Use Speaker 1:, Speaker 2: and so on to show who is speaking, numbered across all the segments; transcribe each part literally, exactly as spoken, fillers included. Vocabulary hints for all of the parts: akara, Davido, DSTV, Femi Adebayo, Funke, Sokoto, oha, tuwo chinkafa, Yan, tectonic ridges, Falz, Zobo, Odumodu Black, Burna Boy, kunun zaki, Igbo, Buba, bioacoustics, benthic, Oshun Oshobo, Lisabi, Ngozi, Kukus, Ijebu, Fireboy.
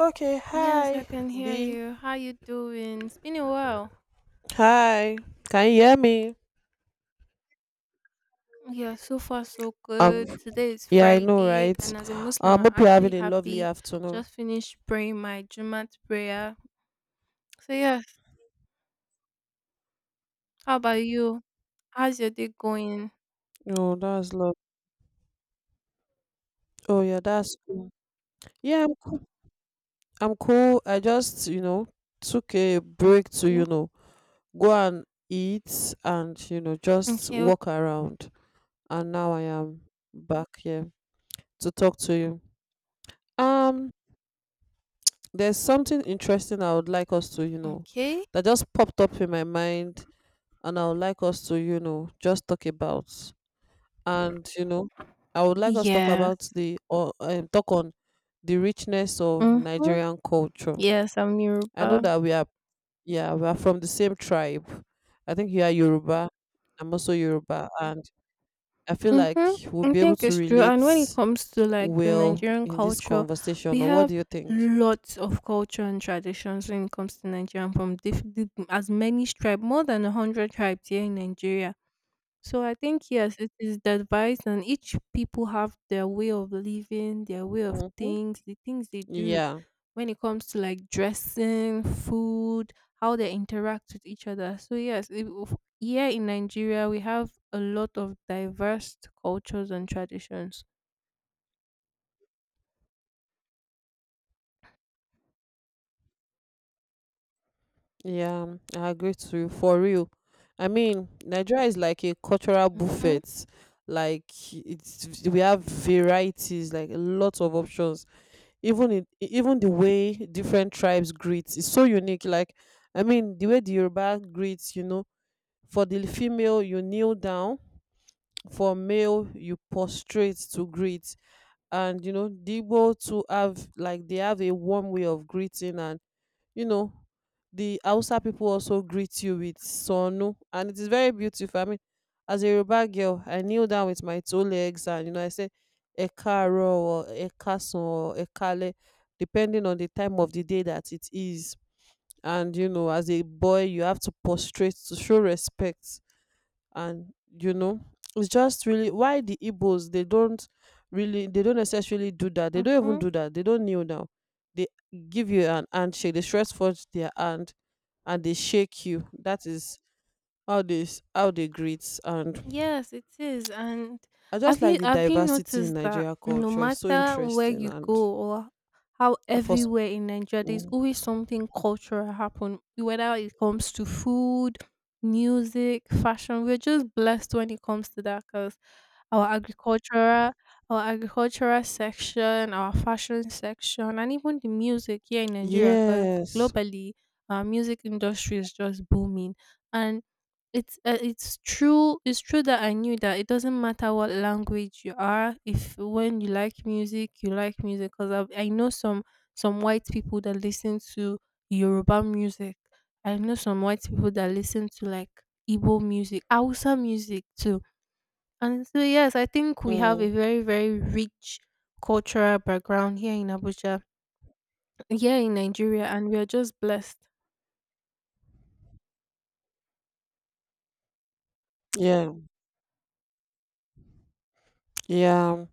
Speaker 1: Okay,
Speaker 2: Yes, I
Speaker 1: hi
Speaker 2: can
Speaker 1: B.
Speaker 2: hear you. How you doing? It's been a while.
Speaker 1: Hi. Can you hear me?
Speaker 2: Yeah, so far so
Speaker 1: Um
Speaker 2: good. Today is
Speaker 1: yeah, I know,
Speaker 2: Friday,
Speaker 1: right?
Speaker 2: and as a Muslim,
Speaker 1: Um
Speaker 2: I'm
Speaker 1: hope you're
Speaker 2: actually
Speaker 1: having a lovely
Speaker 2: happy.
Speaker 1: afternoon.
Speaker 2: Just finished praying my Jumat prayer. So yes, how about you? How's your day going?
Speaker 1: Oh, that's love. Oh yeah, that's cool. Yeah, I'm cool. I'm cool. I just, you know, took a break to, you
Speaker 2: Okay,
Speaker 1: know, go and eat and, you know, just
Speaker 2: okay, okay,
Speaker 1: walk around. And now I am back here to talk to you. Um, there's something interesting I would like us to, you know,
Speaker 2: okay.
Speaker 1: that just popped up in my mind and I would like us to, you know, just talk about and you know, I would like us to talk about
Speaker 2: Yes.
Speaker 1: the or um, talk on the richness of
Speaker 2: Mm-hmm.
Speaker 1: Nigerian culture.
Speaker 2: Yes, I'm
Speaker 1: I know
Speaker 2: Yoruba.
Speaker 1: that we are, yeah, we are from the same tribe. I think you are Yoruba. I'm also Yoruba and I feel like
Speaker 2: Mhm.
Speaker 1: we'll
Speaker 2: I
Speaker 1: be able
Speaker 2: think
Speaker 1: to
Speaker 2: it's true. And when it
Speaker 1: relate
Speaker 2: comes to like the
Speaker 1: well
Speaker 2: Nigerian
Speaker 1: in this
Speaker 2: culture, we
Speaker 1: conversation, or what
Speaker 2: have
Speaker 1: do you think?
Speaker 2: lots of culture and traditions when it comes to Nigeria from diff- diff- as many tribes, more than a hundred tribes here in Nigeria. So I think yes, it is the advice, and each people have their way of living, their way of
Speaker 1: Hmm.
Speaker 2: things, the things they do
Speaker 1: Yeah.
Speaker 2: when it comes to like dressing, food, how they interact with each other. So yes, it- of- here in Nigeria we have a lot of diverse cultures and traditions.
Speaker 1: Yeah, I agree to you for real. I mean, Nigeria is like a cultural buffet. Like it's we have varieties, like a lot of options. Even in even the way different tribes greet is so unique. Like I mean, the way the Yoruba greets, you know, for the female you kneel down, for male you prostrate to greet, and you know, the Igbo too have like they have a warm way of greeting, and you know the Hausa people also greet you with sonu, and it is very beautiful. I mean, as a Yoruba girl I kneel down with my two legs, and you know I say ekaro or ekasan or ekale, depending on the time of the day that it is. And you know as a boy you have to prostrate to show respect. And you know it's just really why the Igbos, they don't really they don't necessarily do that. They don't even
Speaker 2: hmm
Speaker 1: do that. They don't kneel down. They give you an handshake. They stretch forth their hand and they shake you. That is how they s- how they greet. And
Speaker 2: Yes, it is. And
Speaker 1: I just
Speaker 2: have
Speaker 1: like
Speaker 2: you
Speaker 1: the
Speaker 2: have you
Speaker 1: diversity in
Speaker 2: noticed that
Speaker 1: Nigeria
Speaker 2: no
Speaker 1: culture. It's so
Speaker 2: matter where
Speaker 1: interesting.
Speaker 2: you go
Speaker 1: And
Speaker 2: or how
Speaker 1: for s-
Speaker 2: everywhere in Nigeria, there's
Speaker 1: mm.
Speaker 2: always something cultural happen, whether it comes to food, music, fashion. We're just blessed when it comes to that because our agricultural our agricultural section, our fashion section, and even the music here in Nigeria, because
Speaker 1: Yes,
Speaker 2: globally our music industry is just booming. And it's uh, it's true. It's true that I knew that it doesn't matter what language you are. If when you like music, you like music. Cause I I know some some white people that listen to Yoruba music. I know some white people that listen to like Igbo music, Hausa music too. And so yes, I think we have a
Speaker 1: mm,
Speaker 2: very very rich cultural background here in Abuja, here in Nigeria, and we are just blessed.
Speaker 1: yeah, yeah,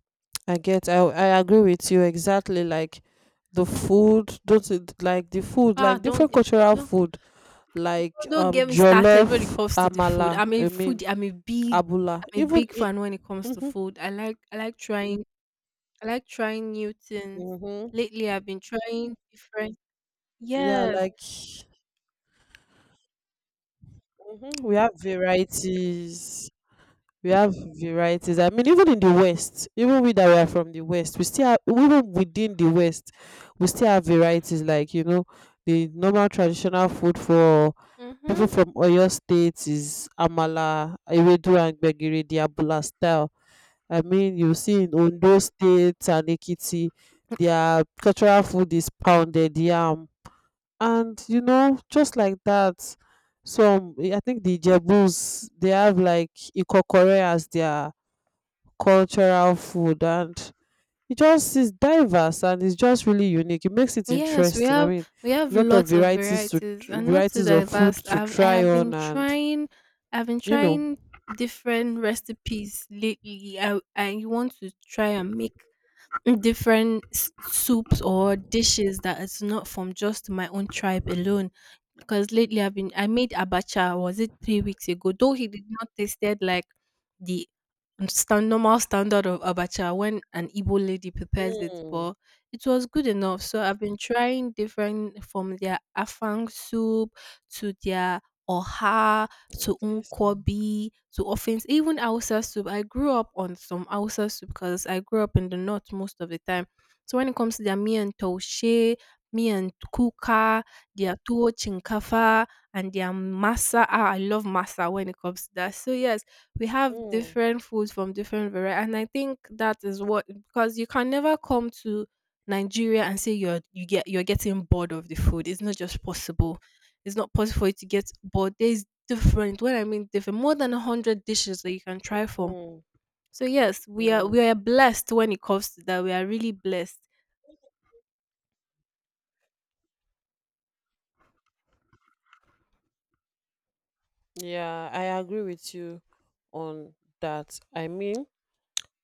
Speaker 1: I get. I I agree with you exactly. Like the food, those i- like the food,
Speaker 2: Ah,
Speaker 1: like
Speaker 2: don't
Speaker 1: different
Speaker 2: get-
Speaker 1: cultural
Speaker 2: don't
Speaker 1: food, like
Speaker 2: Oh, don't
Speaker 1: um
Speaker 2: get me started when it
Speaker 1: jollof,
Speaker 2: comes to the food.
Speaker 1: amala.
Speaker 2: I'm a
Speaker 1: I mean,
Speaker 2: foodie. I'm a big,
Speaker 1: abula.
Speaker 2: I'm a
Speaker 1: Even
Speaker 2: big
Speaker 1: i-
Speaker 2: fan when it comes to
Speaker 1: mhm,
Speaker 2: food. I like, I like trying, I like trying new things.
Speaker 1: mhm,
Speaker 2: Lately, I've been trying different.
Speaker 1: yeah,
Speaker 2: Yes.
Speaker 1: like, mhm, we have varieties. We have varieties. I mean, even in the West, even we that we are from the West, we still have, even within the West, we still have varieties. Like you know the normal traditional food for people
Speaker 2: Mm-hmm.
Speaker 1: from Oyo State is amala, ewedu and gbegiri, the abula style. I mean, you see in Ondo State and Ekiti, their cultural food is pounded yam. And you know just like that, some eh, I think the Jebus, they have like ikokore as their cultural food. And it just is diverse, and it's just really unique, it makes it
Speaker 2: Yes, we
Speaker 1: interesting. I
Speaker 2: have
Speaker 1: mean,
Speaker 2: we have
Speaker 1: a lot of
Speaker 2: lots of
Speaker 1: varieties to
Speaker 2: varieties and not too
Speaker 1: varieties of food
Speaker 2: diverse.
Speaker 1: to
Speaker 2: I've I
Speaker 1: try
Speaker 2: have been
Speaker 1: on. And
Speaker 2: trying I've been
Speaker 1: you know
Speaker 2: trying different recipes lately. I I want to try and make different s- soups or dishes that is not from just my own tribe alone. Because lately I've been I made abacha was it three weeks ago? Though he did not tasted like the stand, normal standard of abacha when an Igbo lady prepares it,
Speaker 1: mm,
Speaker 2: but it was good enough. So I've been trying different from their afang soup to their oha to
Speaker 1: at least
Speaker 2: unkobi to often even Hausa soup. I grew up on some Hausa soup because I grew up in the north most of the time. So when it comes to their miyan taushe, miyan kuka, their tuwo chinkafa, and their masa, ah, I love masa when it comes to that. So yes, we have
Speaker 1: mm,
Speaker 2: different foods from different variety, and I think that is what because you can never come to Nigeria and say you're you get you're getting bored of the food. It's not just possible. It's not possible for you to get bored. There's different. When I mean different, more than a hundred dishes that you can try from.
Speaker 1: mm,
Speaker 2: So yes, we are we
Speaker 1: mm.
Speaker 2: are blessed when it comes to that. We are really blessed.
Speaker 1: Yeah, I agree with you on that. I mean,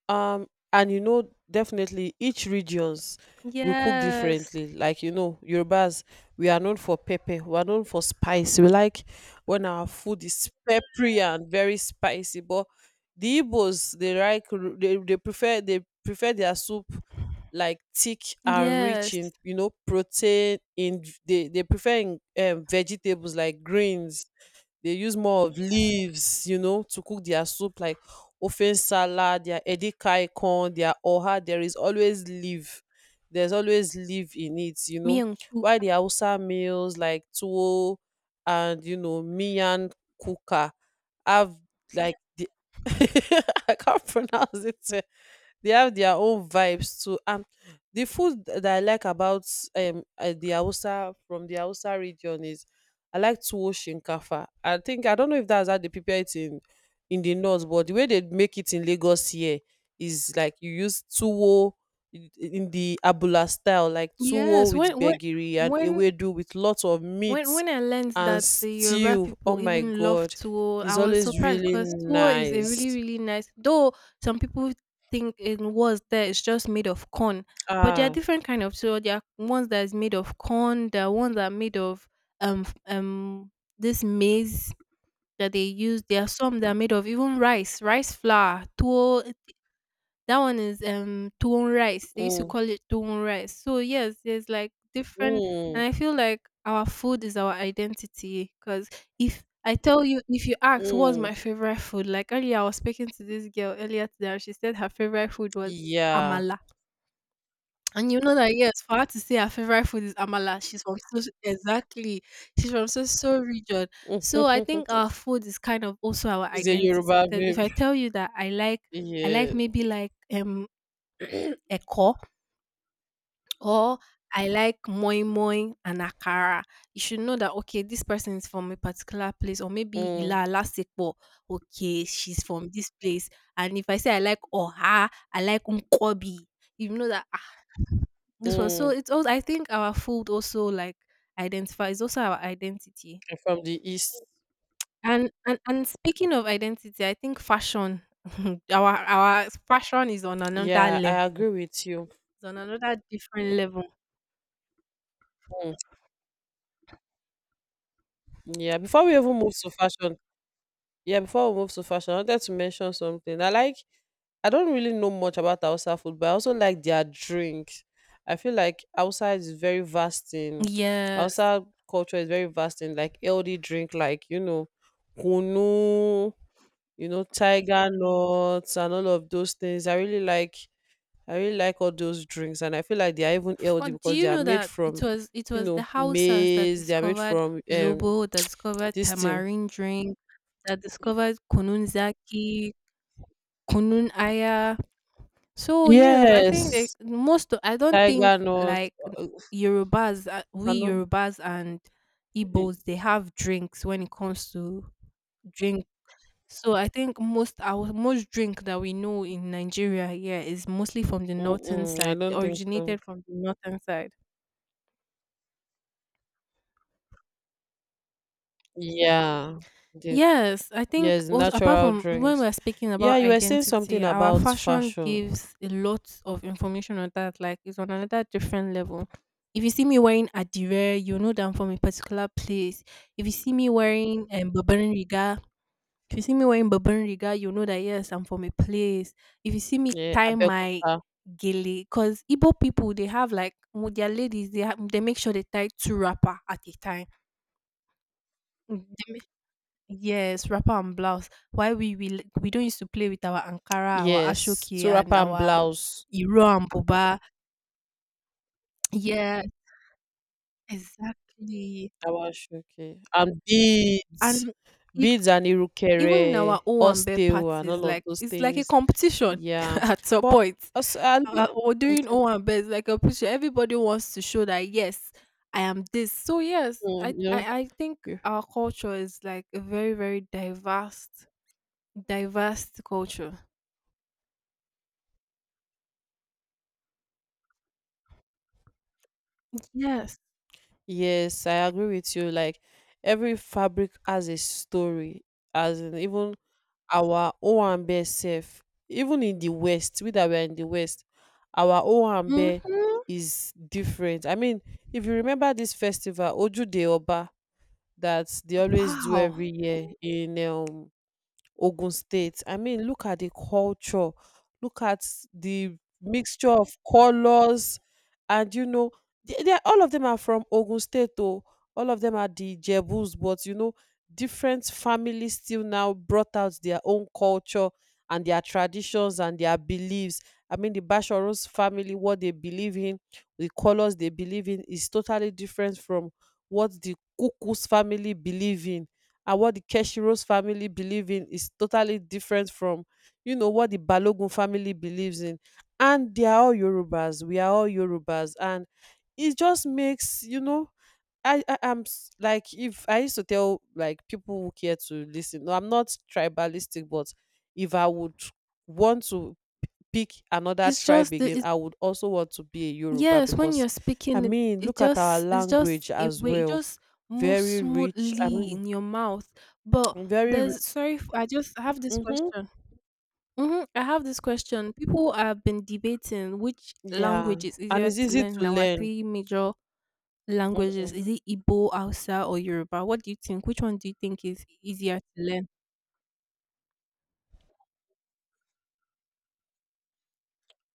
Speaker 1: um and you know definitely each regions we cook
Speaker 2: Yes.
Speaker 1: differently. Like you know Yorubas, we are known for pepper, we are known for spice. We like when our food is peppery and very spicy. But the Igbos, they like r- they, they prefer they prefer their soup like thick and rich
Speaker 2: Yes.
Speaker 1: in you know protein. In they, they prefer in um, vegetables like greens. They use more of leaves, you know, to cook their soup, like ofen salad, their edikaikong, their oha. There is always leaf. There's always leaf in it, you
Speaker 2: Me
Speaker 1: know.
Speaker 2: and
Speaker 1: While
Speaker 2: Kuka.
Speaker 1: the Hausa meals like tuwo and you know miyan kuka have like the I can't pronounce it. They have their own vibes too. And the food that I like about um uh, the Hausa from the Hausa region is, I like tuwo shinkafa. I think I don't know if that's how they prepare it in in the north, but the way they make it in Lagos here is like you use tuwo in in the abula style, like tuwo
Speaker 2: Yes.
Speaker 1: with
Speaker 2: When when
Speaker 1: gbegiri and
Speaker 2: when
Speaker 1: ewedu with lots of
Speaker 2: When
Speaker 1: meat
Speaker 2: when I learned
Speaker 1: and
Speaker 2: that the Yoruba
Speaker 1: stew. Oh
Speaker 2: people
Speaker 1: my
Speaker 2: even love
Speaker 1: god,
Speaker 2: tuwo, I
Speaker 1: it's
Speaker 2: was
Speaker 1: always
Speaker 2: surprised
Speaker 1: really
Speaker 2: because tuwo is a really
Speaker 1: nice.
Speaker 2: really nice. Though some people think it was there, it's just made of corn, but there are
Speaker 1: Ah,
Speaker 2: different kind of tuwo. There are ones that is made of corn. There are ones that are made of um f- um this maize that they use. There are some that are made of even rice, rice flour, tuwo that one is um tuwon rice. They used to
Speaker 1: mm,
Speaker 2: call it tuwon rice. So yes, there's like different,
Speaker 1: mm.
Speaker 2: and I feel like our food is our identity. Cause if I tell you, if you ask what's
Speaker 1: Mm.
Speaker 2: my favorite food, like earlier I was speaking to this girl earlier today, and she said her favorite food was
Speaker 1: Yeah.
Speaker 2: amala. And you know that yes, for her to say her favorite food is amala, she's from so so, exactly, she's from so so region. So I think our food is kind of also our
Speaker 1: She's a
Speaker 2: identity.
Speaker 1: Yoruba
Speaker 2: Because if
Speaker 1: babe.
Speaker 2: I tell you that I like, I like
Speaker 1: Yeah.
Speaker 2: maybe like um ẹ̀kọ or I like moin-moin and akara, you should know that, okay, this person is from a particular place or maybe
Speaker 1: Mm.
Speaker 2: ilá alásèpọ̀, okay, she's from this place. And if I say I like ọ̀há, I like Unkobi, you know that, ah, this one. So
Speaker 1: Mm.
Speaker 2: it's also I think our food also like identifies also our identity.
Speaker 1: And from the east.
Speaker 2: And and and speaking of identity, I think fashion, our our fashion is on another
Speaker 1: Yeah, I
Speaker 2: level.
Speaker 1: agree with you.
Speaker 2: It's on another different level.
Speaker 1: Mm. Yeah. Before we even move to fashion, yeah, before we move to fashion, I wanted to mention something. I like, I don't really know much about Hausa food, but I also like their drinks. I feel like Hausa is very vast in
Speaker 2: Yes.
Speaker 1: Hausa culture is very vast in, like, healthy drink, like you know, kunu, you know, tiger nuts and all of those things. I really like I really like all those drinks, and I feel like they are even healthy
Speaker 2: But do
Speaker 1: because
Speaker 2: you
Speaker 1: they are
Speaker 2: know
Speaker 1: made
Speaker 2: that it
Speaker 1: from,
Speaker 2: was it
Speaker 1: you
Speaker 2: was the
Speaker 1: know,
Speaker 2: Hausas that
Speaker 1: maize, they are made
Speaker 2: discovered
Speaker 1: from um
Speaker 2: Zobo, that discovered
Speaker 1: this thing.
Speaker 2: tamarind drink, that discovered kunun zaki, kunun aya. So yes, I think they,
Speaker 1: Yes.
Speaker 2: most. Of, I don't
Speaker 1: Tiger
Speaker 2: think
Speaker 1: nuts.
Speaker 2: like
Speaker 1: uh,
Speaker 2: Yorubas, uh,
Speaker 1: I
Speaker 2: we
Speaker 1: don't
Speaker 2: Yorubas and
Speaker 1: eh,
Speaker 2: Igbos, they have drinks when it comes to drink. So I think most our most drink that we know in Nigeria here is mostly from the northern
Speaker 1: mm-mm, I
Speaker 2: side,
Speaker 1: don't think so.
Speaker 2: originated from the northern side.
Speaker 1: Yeah. The,
Speaker 2: Yes, I think
Speaker 1: yes,
Speaker 2: also apart
Speaker 1: natural
Speaker 2: from when
Speaker 1: drinks.
Speaker 2: we're speaking
Speaker 1: Yeah,
Speaker 2: about
Speaker 1: you were saying something
Speaker 2: identity, our
Speaker 1: about
Speaker 2: fashion
Speaker 1: fashion.
Speaker 2: gives a lot of information on that. Like it's on another different level. If you see me wearing Adire, you know that I'm from a particular place. If you see me wearing um, Barbarian Riga, if you see me wearing Barbarian Riga, you know that yes, I'm from a place. If you see me
Speaker 1: Yeah,
Speaker 2: tie my
Speaker 1: Abeokuta.
Speaker 2: gele, because Igbo people they have like with their ladies, they have, they make sure they tie two wrapper at a time. Mm, yes, wrapper and blouse. Why we will we don't used to play with our Ankara, our
Speaker 1: Yes.
Speaker 2: Ashoke, and
Speaker 1: Surapa and
Speaker 2: our
Speaker 1: blouse.
Speaker 2: Iro and Buba. Yeah, exactly.
Speaker 1: Awashoki and beads,
Speaker 2: And e-
Speaker 1: beads and
Speaker 2: even
Speaker 1: irukere,
Speaker 2: in our Owambe
Speaker 1: osteo and all
Speaker 2: parties,
Speaker 1: of
Speaker 2: like
Speaker 1: those
Speaker 2: it's like
Speaker 1: things.
Speaker 2: a competition
Speaker 1: Yeah,
Speaker 2: at some
Speaker 1: but
Speaker 2: point.
Speaker 1: also, and,
Speaker 2: Uh, or doing
Speaker 1: okay,
Speaker 2: Owambe is like a competition. Everybody wants to show that yes, I am this. So yes,
Speaker 1: mm,
Speaker 2: I
Speaker 1: you know,
Speaker 2: I, I think
Speaker 1: you-
Speaker 2: our culture is like a very very diverse diverse culture. Yes.
Speaker 1: yes, I agree with you. Like every fabric has a story, as in even our Owambe self, even in the West, we that were in the West, our Owambe
Speaker 2: Hmm.
Speaker 1: is different. I mean, if you remember this festival, Ojude Oba, that they always do
Speaker 2: Wow!
Speaker 1: every year in um Ogun State. I mean, look at the culture, look at the mixture of colors, and you know, they, they are- all of them are from Ogun State, though. All of them are the Jebus, but you know, different families still now brought out their own culture and their traditions and their beliefs. I mean, the Basharos family, what they believe in, the colors they believe in, is totally different from what the Kukus family believe in, and what the Keshiro's family believe in is totally different from, you know, what the Balogun family believes in. And they are all Yorubas. We are all Yorubas. And it just makes, you know, I, I am s- like, if I used to tell like people who care to listen. No, I'm not tribalistic, but if I would want to pick another
Speaker 2: It's
Speaker 1: tribe
Speaker 2: just the
Speaker 1: again,
Speaker 2: it's
Speaker 1: I would also want to be a Yoruba
Speaker 2: yes, when
Speaker 1: because
Speaker 2: you're
Speaker 1: I
Speaker 2: speaking it
Speaker 1: mean,
Speaker 2: it
Speaker 1: look at our
Speaker 2: just it's just
Speaker 1: language
Speaker 2: a
Speaker 1: as
Speaker 2: way it
Speaker 1: well.
Speaker 2: just moves
Speaker 1: Very rich. I
Speaker 2: smoothly
Speaker 1: mean,
Speaker 2: in your mouth. But
Speaker 1: very.
Speaker 2: there's sorry f- I just I have this
Speaker 1: Mhm.
Speaker 2: question. Hmm, I have this question. People have been debating which
Speaker 1: Yeah,
Speaker 2: language is
Speaker 1: and
Speaker 2: easier
Speaker 1: it's
Speaker 2: to
Speaker 1: easy
Speaker 2: learn
Speaker 1: to
Speaker 2: in our
Speaker 1: learn.
Speaker 2: three major languages?
Speaker 1: Mhm.
Speaker 2: Is it Igbo, Hausa, or Yoruba? What do you think? Which one do you think is easier to learn?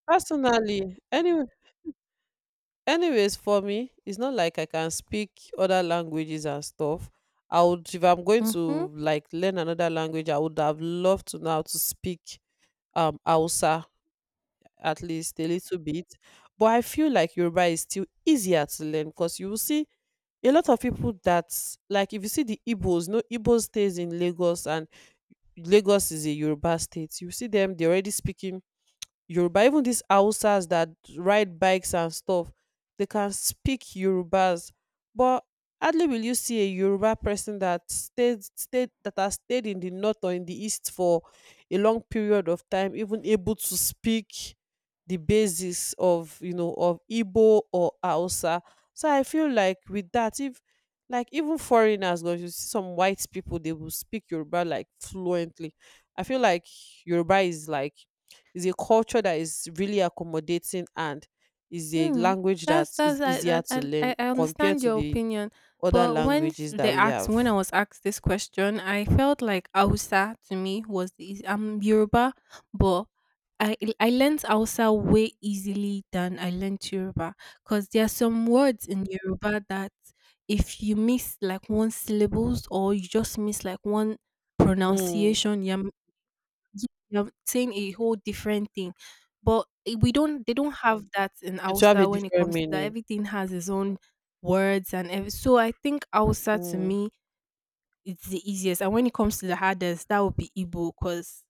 Speaker 1: Personally, anyway, anyways, for me, it's not like I can speak other languages and stuff. I would, if I'm going
Speaker 2: Hmm.
Speaker 1: to like learn another language, I would have loved to know how to speak um Hausa, at least a little bit. But I feel like Yoruba is still easier to learn because you will see a lot of people that, like if you see the Igbos, no Igbo stays in Lagos, and Lagos is a Yoruba state. You see them, they already speaking Yoruba, even these Hausas that ride bikes and stuff, they can speak Yorubas. But hardly will you see a Yoruba person that stayed, stayed that has stayed in the north or in the east for a long period of time, even able to speak the basis of you know of Igbo or Hausa. So I feel like with that, if like even foreigners, because you see some white people, they will speak Yoruba like fluently. I feel like Yoruba is like is a culture that is really accommodating and is a
Speaker 2: Hmm.
Speaker 1: language that
Speaker 2: that's that's
Speaker 1: is
Speaker 2: I
Speaker 1: easier
Speaker 2: I
Speaker 1: to
Speaker 2: I
Speaker 1: learn
Speaker 2: I
Speaker 1: compared
Speaker 2: understand
Speaker 1: to
Speaker 2: your
Speaker 1: the
Speaker 2: opinion,
Speaker 1: other
Speaker 2: but when
Speaker 1: languages
Speaker 2: they
Speaker 1: that we
Speaker 2: asked when I
Speaker 1: have.
Speaker 2: was asked this question, I felt like Hausa to me was the eas- I'm Yoruba, but I I learned Hausa way easily than I learned Yoruba because there are some words in Yoruba that if you miss like one syllables or you just miss like one
Speaker 1: Mm.
Speaker 2: pronunciation, you're yeah, you're saying a whole different thing. But eh, we don't they don't have that in
Speaker 1: It will have a
Speaker 2: Hausa when it
Speaker 1: different
Speaker 2: comes to that.
Speaker 1: meaning.
Speaker 2: Everything has its own words and every, so I think Hausa to
Speaker 1: Mm.
Speaker 2: me it's the easiest. And when it comes to the hardest, that would be Igbo because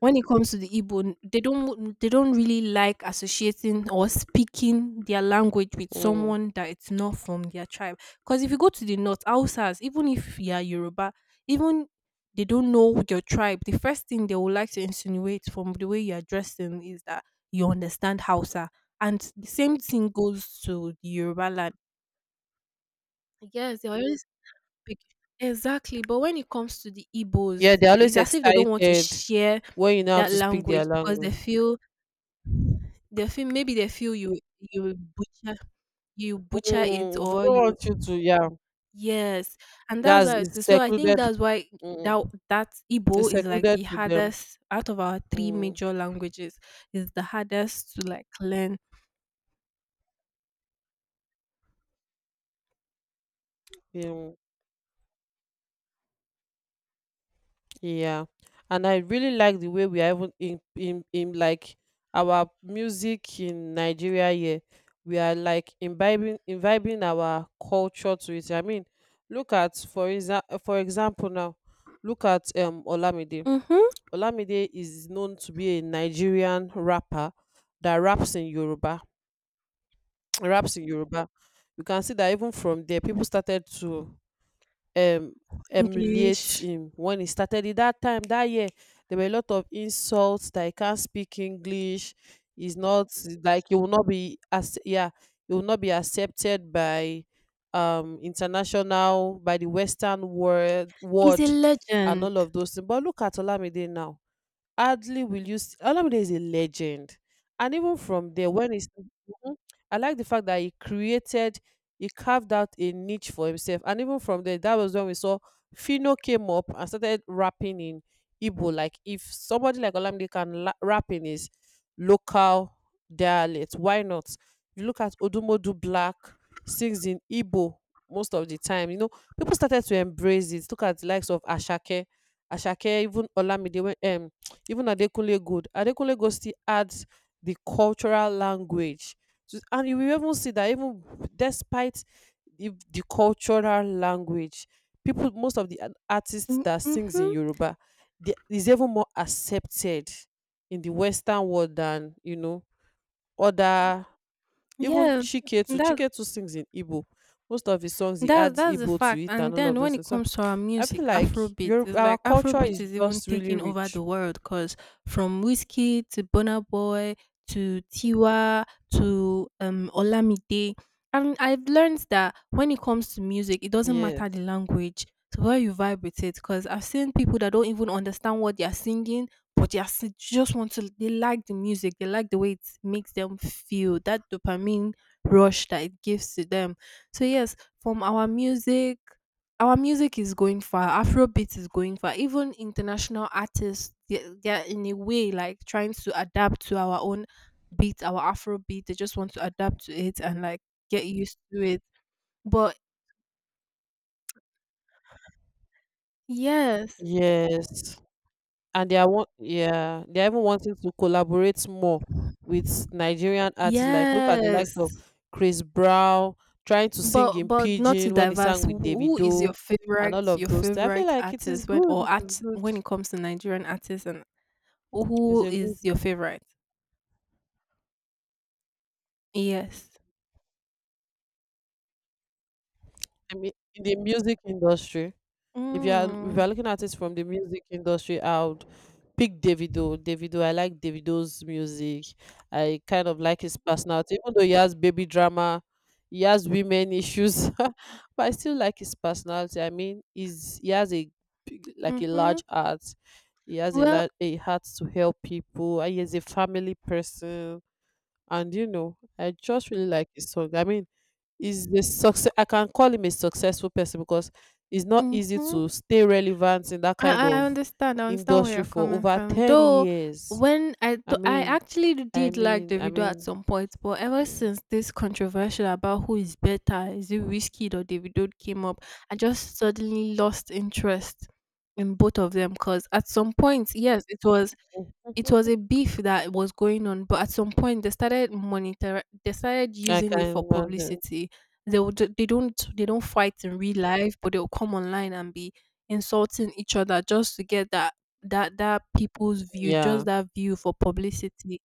Speaker 2: when it comes to the Igbo, they don't they don't really like associating or speaking their language with
Speaker 1: Mm.
Speaker 2: someone that it's not from their tribe. Because if you go to the north, Hausas, even if you are Yoruba, even they don't know your tribe, the first thing they would like to insinuate from the way you are dressing is that you understand Hausa. And the same thing goes to the Yoruba land. Yes, they always big issue, exactly, but when it comes to the
Speaker 1: Yeah,
Speaker 2: Igbos,
Speaker 1: they're
Speaker 2: it
Speaker 1: always
Speaker 2: is as if they don't want to
Speaker 1: excited
Speaker 2: share
Speaker 1: when you know how
Speaker 2: that
Speaker 1: to speak their
Speaker 2: language because they
Speaker 1: language.
Speaker 2: feel they feel maybe they feel you you will butcher you butcher it
Speaker 1: Mm. They don't
Speaker 2: or you
Speaker 1: want you to, yeah.
Speaker 2: yes, and that's
Speaker 1: That's,
Speaker 2: how it
Speaker 1: it's
Speaker 2: is. So I think
Speaker 1: secluded.
Speaker 2: that's why
Speaker 1: Mm.
Speaker 2: that that Igbo
Speaker 1: It's
Speaker 2: is like
Speaker 1: secluded
Speaker 2: the
Speaker 1: to them.
Speaker 2: hardest out of our three
Speaker 1: Mm.
Speaker 2: major languages is the hardest to like learn.
Speaker 1: Yeah. Yeah, and I really like the way we are, even in in in like our music in Nigeria here. We are like imbibing imbibing our culture to it. I mean, look at for exa- uh, for example now, look at um Olamide.
Speaker 2: Mhm.
Speaker 1: Olamide is known to be a Nigerian rapper that raps in Yoruba, raps in Yoruba. You can see that even from there, people started to um emulate
Speaker 2: English
Speaker 1: him. When he started it that time that year, there were a lot of insults that he can't speak English, he's not, like he will not be as, yeah, he will not be accepted by um international, by the Western world
Speaker 2: is a
Speaker 1: world and
Speaker 2: legend.
Speaker 1: all of those things. But look at Olamide now. Hardly will you see, Olamide is a legend. And even from there, when he's Mhm. I like the fact that he created, he carved out a niche for himself. And even from there, that was when we saw Fino came up and started rapping in Igbo. Like if somebody like Olamide can la- rap in his local dialect, why not? You look at Odumodu Black sings in Igbo most of the time. You know, people started to embrace it. Look at the likes of Ashake. Ashake, even Olamide, when um, even Adekunle Gold, Adekunle Gold still adds the cultural language. to- And you will even see that even despite the, the cultural language, people, most of the ar- artists
Speaker 2: Mm,
Speaker 1: that sings in
Speaker 2: mhm.
Speaker 1: Yoruba, they, is even more accepted in the Western world than, you know, other, even
Speaker 2: Yes,
Speaker 1: Chiketu.
Speaker 2: that's
Speaker 1: Chiketu sings in Igbo. Most of his songs, he
Speaker 2: That's
Speaker 1: adds
Speaker 2: that's the
Speaker 1: Igbo to
Speaker 2: fact.
Speaker 1: it
Speaker 2: And
Speaker 1: and all
Speaker 2: then
Speaker 1: of
Speaker 2: when
Speaker 1: those
Speaker 2: it
Speaker 1: things. So
Speaker 2: comes to our
Speaker 1: I
Speaker 2: music,
Speaker 1: feel like
Speaker 2: Afrobeat
Speaker 1: your,
Speaker 2: it's
Speaker 1: our
Speaker 2: like
Speaker 1: culture
Speaker 2: Afrobeat
Speaker 1: is
Speaker 2: is even
Speaker 1: just really
Speaker 2: taking over
Speaker 1: rich.
Speaker 2: the world. Cause from Whiskey to Burna Boy to Tiwa to um Olamide, and I've learned that when it comes to music, it doesn't
Speaker 1: Yes.
Speaker 2: matter the language. So where you vibe with it, because I've seen people that don't even understand what they're singing, but they are si- just want to. They like the music. They like the way it makes them feel. That dopamine rush that it gives to them. So yes, from our music, our music is going far. Afrobeat is going far. Even international artists, they're, they're in a way like trying to adapt to our own beat, our Afrobeat. They just want to adapt to it and like get used to it. But yes.
Speaker 1: Yes, and they are want yeah, they are even wanting to collaborate more with Nigerian artists. Like look at the
Speaker 2: Yes.
Speaker 1: likes of Chris Brown trying to sing
Speaker 2: But
Speaker 1: in
Speaker 2: but not to
Speaker 1: pidgin when he
Speaker 2: diverse.
Speaker 1: sang
Speaker 2: Who
Speaker 1: with
Speaker 2: who is your
Speaker 1: Davido and
Speaker 2: favorite,
Speaker 1: all of
Speaker 2: your
Speaker 1: those things. I feel
Speaker 2: favorite
Speaker 1: like it is
Speaker 2: artist when,
Speaker 1: good.
Speaker 2: or
Speaker 1: It is
Speaker 2: art
Speaker 1: good.
Speaker 2: when it comes to Nigerian artists, and
Speaker 1: It's
Speaker 2: who
Speaker 1: a good
Speaker 2: is your
Speaker 1: one.
Speaker 2: favorite? Yes.
Speaker 1: I mean, in the music industry. if you are if you
Speaker 2: Mm.
Speaker 1: are looking at it from the music industry, I would pick Davido. Davido, I like Davido's music. I kind of like his personality, even though he has baby drama, he has women issues, but I still like his personality. I mean, he's he has a big- like a
Speaker 2: Mhm.
Speaker 1: large heart. He has a
Speaker 2: Well,
Speaker 1: large a heart to help people. And he is a family person, and you know, I just really like his song. I mean, is the success, I can call him a successful person because it's not easy
Speaker 2: mhm.
Speaker 1: to stay relevant in that
Speaker 2: I
Speaker 1: kind
Speaker 2: I I
Speaker 1: of
Speaker 2: understand. I understand where you're
Speaker 1: industry for
Speaker 2: coming
Speaker 1: over
Speaker 2: from.
Speaker 1: ten
Speaker 2: Though
Speaker 1: years.
Speaker 2: when I
Speaker 1: i
Speaker 2: th- I
Speaker 1: mean
Speaker 2: actually
Speaker 1: i
Speaker 2: did like
Speaker 1: mean
Speaker 2: the
Speaker 1: i
Speaker 2: video at
Speaker 1: mean
Speaker 2: some point, but ever
Speaker 1: yeah,
Speaker 2: since this controversial about who is better, is it Whiskey or Davido, came up, I just suddenly lost interest in both of them, because at some point, yes, it was it was a beef that was going on, but at some point they started monitor they started
Speaker 1: I
Speaker 2: using
Speaker 1: can
Speaker 2: it for
Speaker 1: imagine.
Speaker 2: publicity. They would they don't they don't fight in real life, but they'll come online and be insulting each other just to get that, that that people's view, just
Speaker 1: Yeah.
Speaker 2: that view for publicity.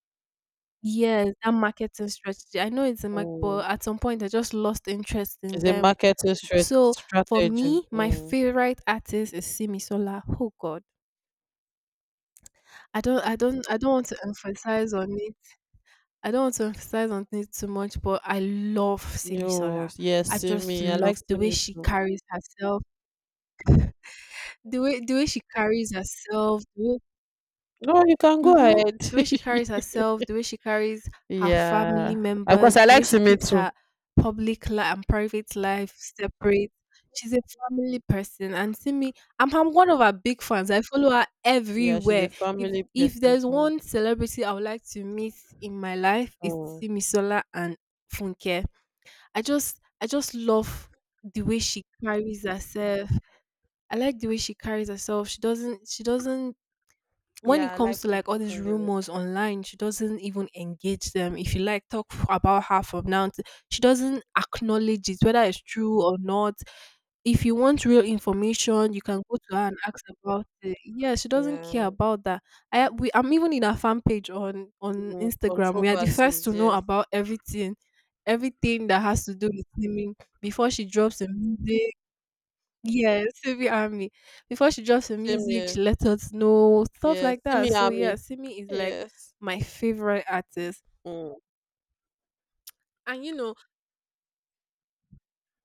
Speaker 2: Yes, that marketing strategy. I know it's a mark,
Speaker 1: Mm.
Speaker 2: but at some point I just lost interest in
Speaker 1: It's a
Speaker 2: them.
Speaker 1: marketing strat-
Speaker 2: So for
Speaker 1: strategy.
Speaker 2: me, my
Speaker 1: Mm.
Speaker 2: favorite artist is Simi Sola. Oh God, I don't, I don't, I don't want to emphasize on it. I don't want to emphasize on it too much, but I love Simi Sola.
Speaker 1: Yes,
Speaker 2: I
Speaker 1: yes, see
Speaker 2: just
Speaker 1: me. I like
Speaker 2: love
Speaker 1: see
Speaker 2: the way
Speaker 1: me.
Speaker 2: she carries herself, the way the way she carries herself, the way.
Speaker 1: No, you can go
Speaker 2: Mhm.
Speaker 1: ahead.
Speaker 2: The way she carries herself, the way she carries her family
Speaker 1: Yeah. Of course,
Speaker 2: members,
Speaker 1: I
Speaker 2: the way
Speaker 1: like
Speaker 2: she
Speaker 1: Simi
Speaker 2: keeps
Speaker 1: too.
Speaker 2: her public life and private life separate. She's a family person, and see me, I'm, I'm one of her big fans. I follow her
Speaker 1: Yeah, she's
Speaker 2: everywhere.
Speaker 1: a
Speaker 2: If
Speaker 1: family
Speaker 2: if
Speaker 1: person
Speaker 2: there's
Speaker 1: too.
Speaker 2: one celebrity I would like to meet in my life, it's
Speaker 1: Mm.
Speaker 2: Simisola and Funke. I just I just love the way she carries herself. I like the way she carries herself. She doesn't she doesn't when it
Speaker 1: Yeah, I like
Speaker 2: comes to like all these
Speaker 1: talking the
Speaker 2: rumors online, she doesn't even engage them. If you like talk f- about her from now, to, she doesn't acknowledge it, whether it's true or not. If you want real information, you can go to her and ask about it. Yeah, she doesn't care
Speaker 1: Yeah.
Speaker 2: about that. I we I'm even in her fan page on on
Speaker 1: Mm,
Speaker 2: Instagram. We are the first to
Speaker 1: controversies,
Speaker 2: know
Speaker 1: yes.
Speaker 2: about everything, everything that has to do with swimming before she drops the music. Yes, Simi Army. Before she drops her
Speaker 1: Same
Speaker 2: music, she
Speaker 1: here.
Speaker 2: let us know stuff
Speaker 1: Yes,
Speaker 2: like
Speaker 1: yeah,
Speaker 2: that.
Speaker 1: Simi
Speaker 2: So
Speaker 1: Ami.
Speaker 2: yeah, Simi is like
Speaker 1: Yes.
Speaker 2: my favorite artist,
Speaker 1: Mm.
Speaker 2: and you know,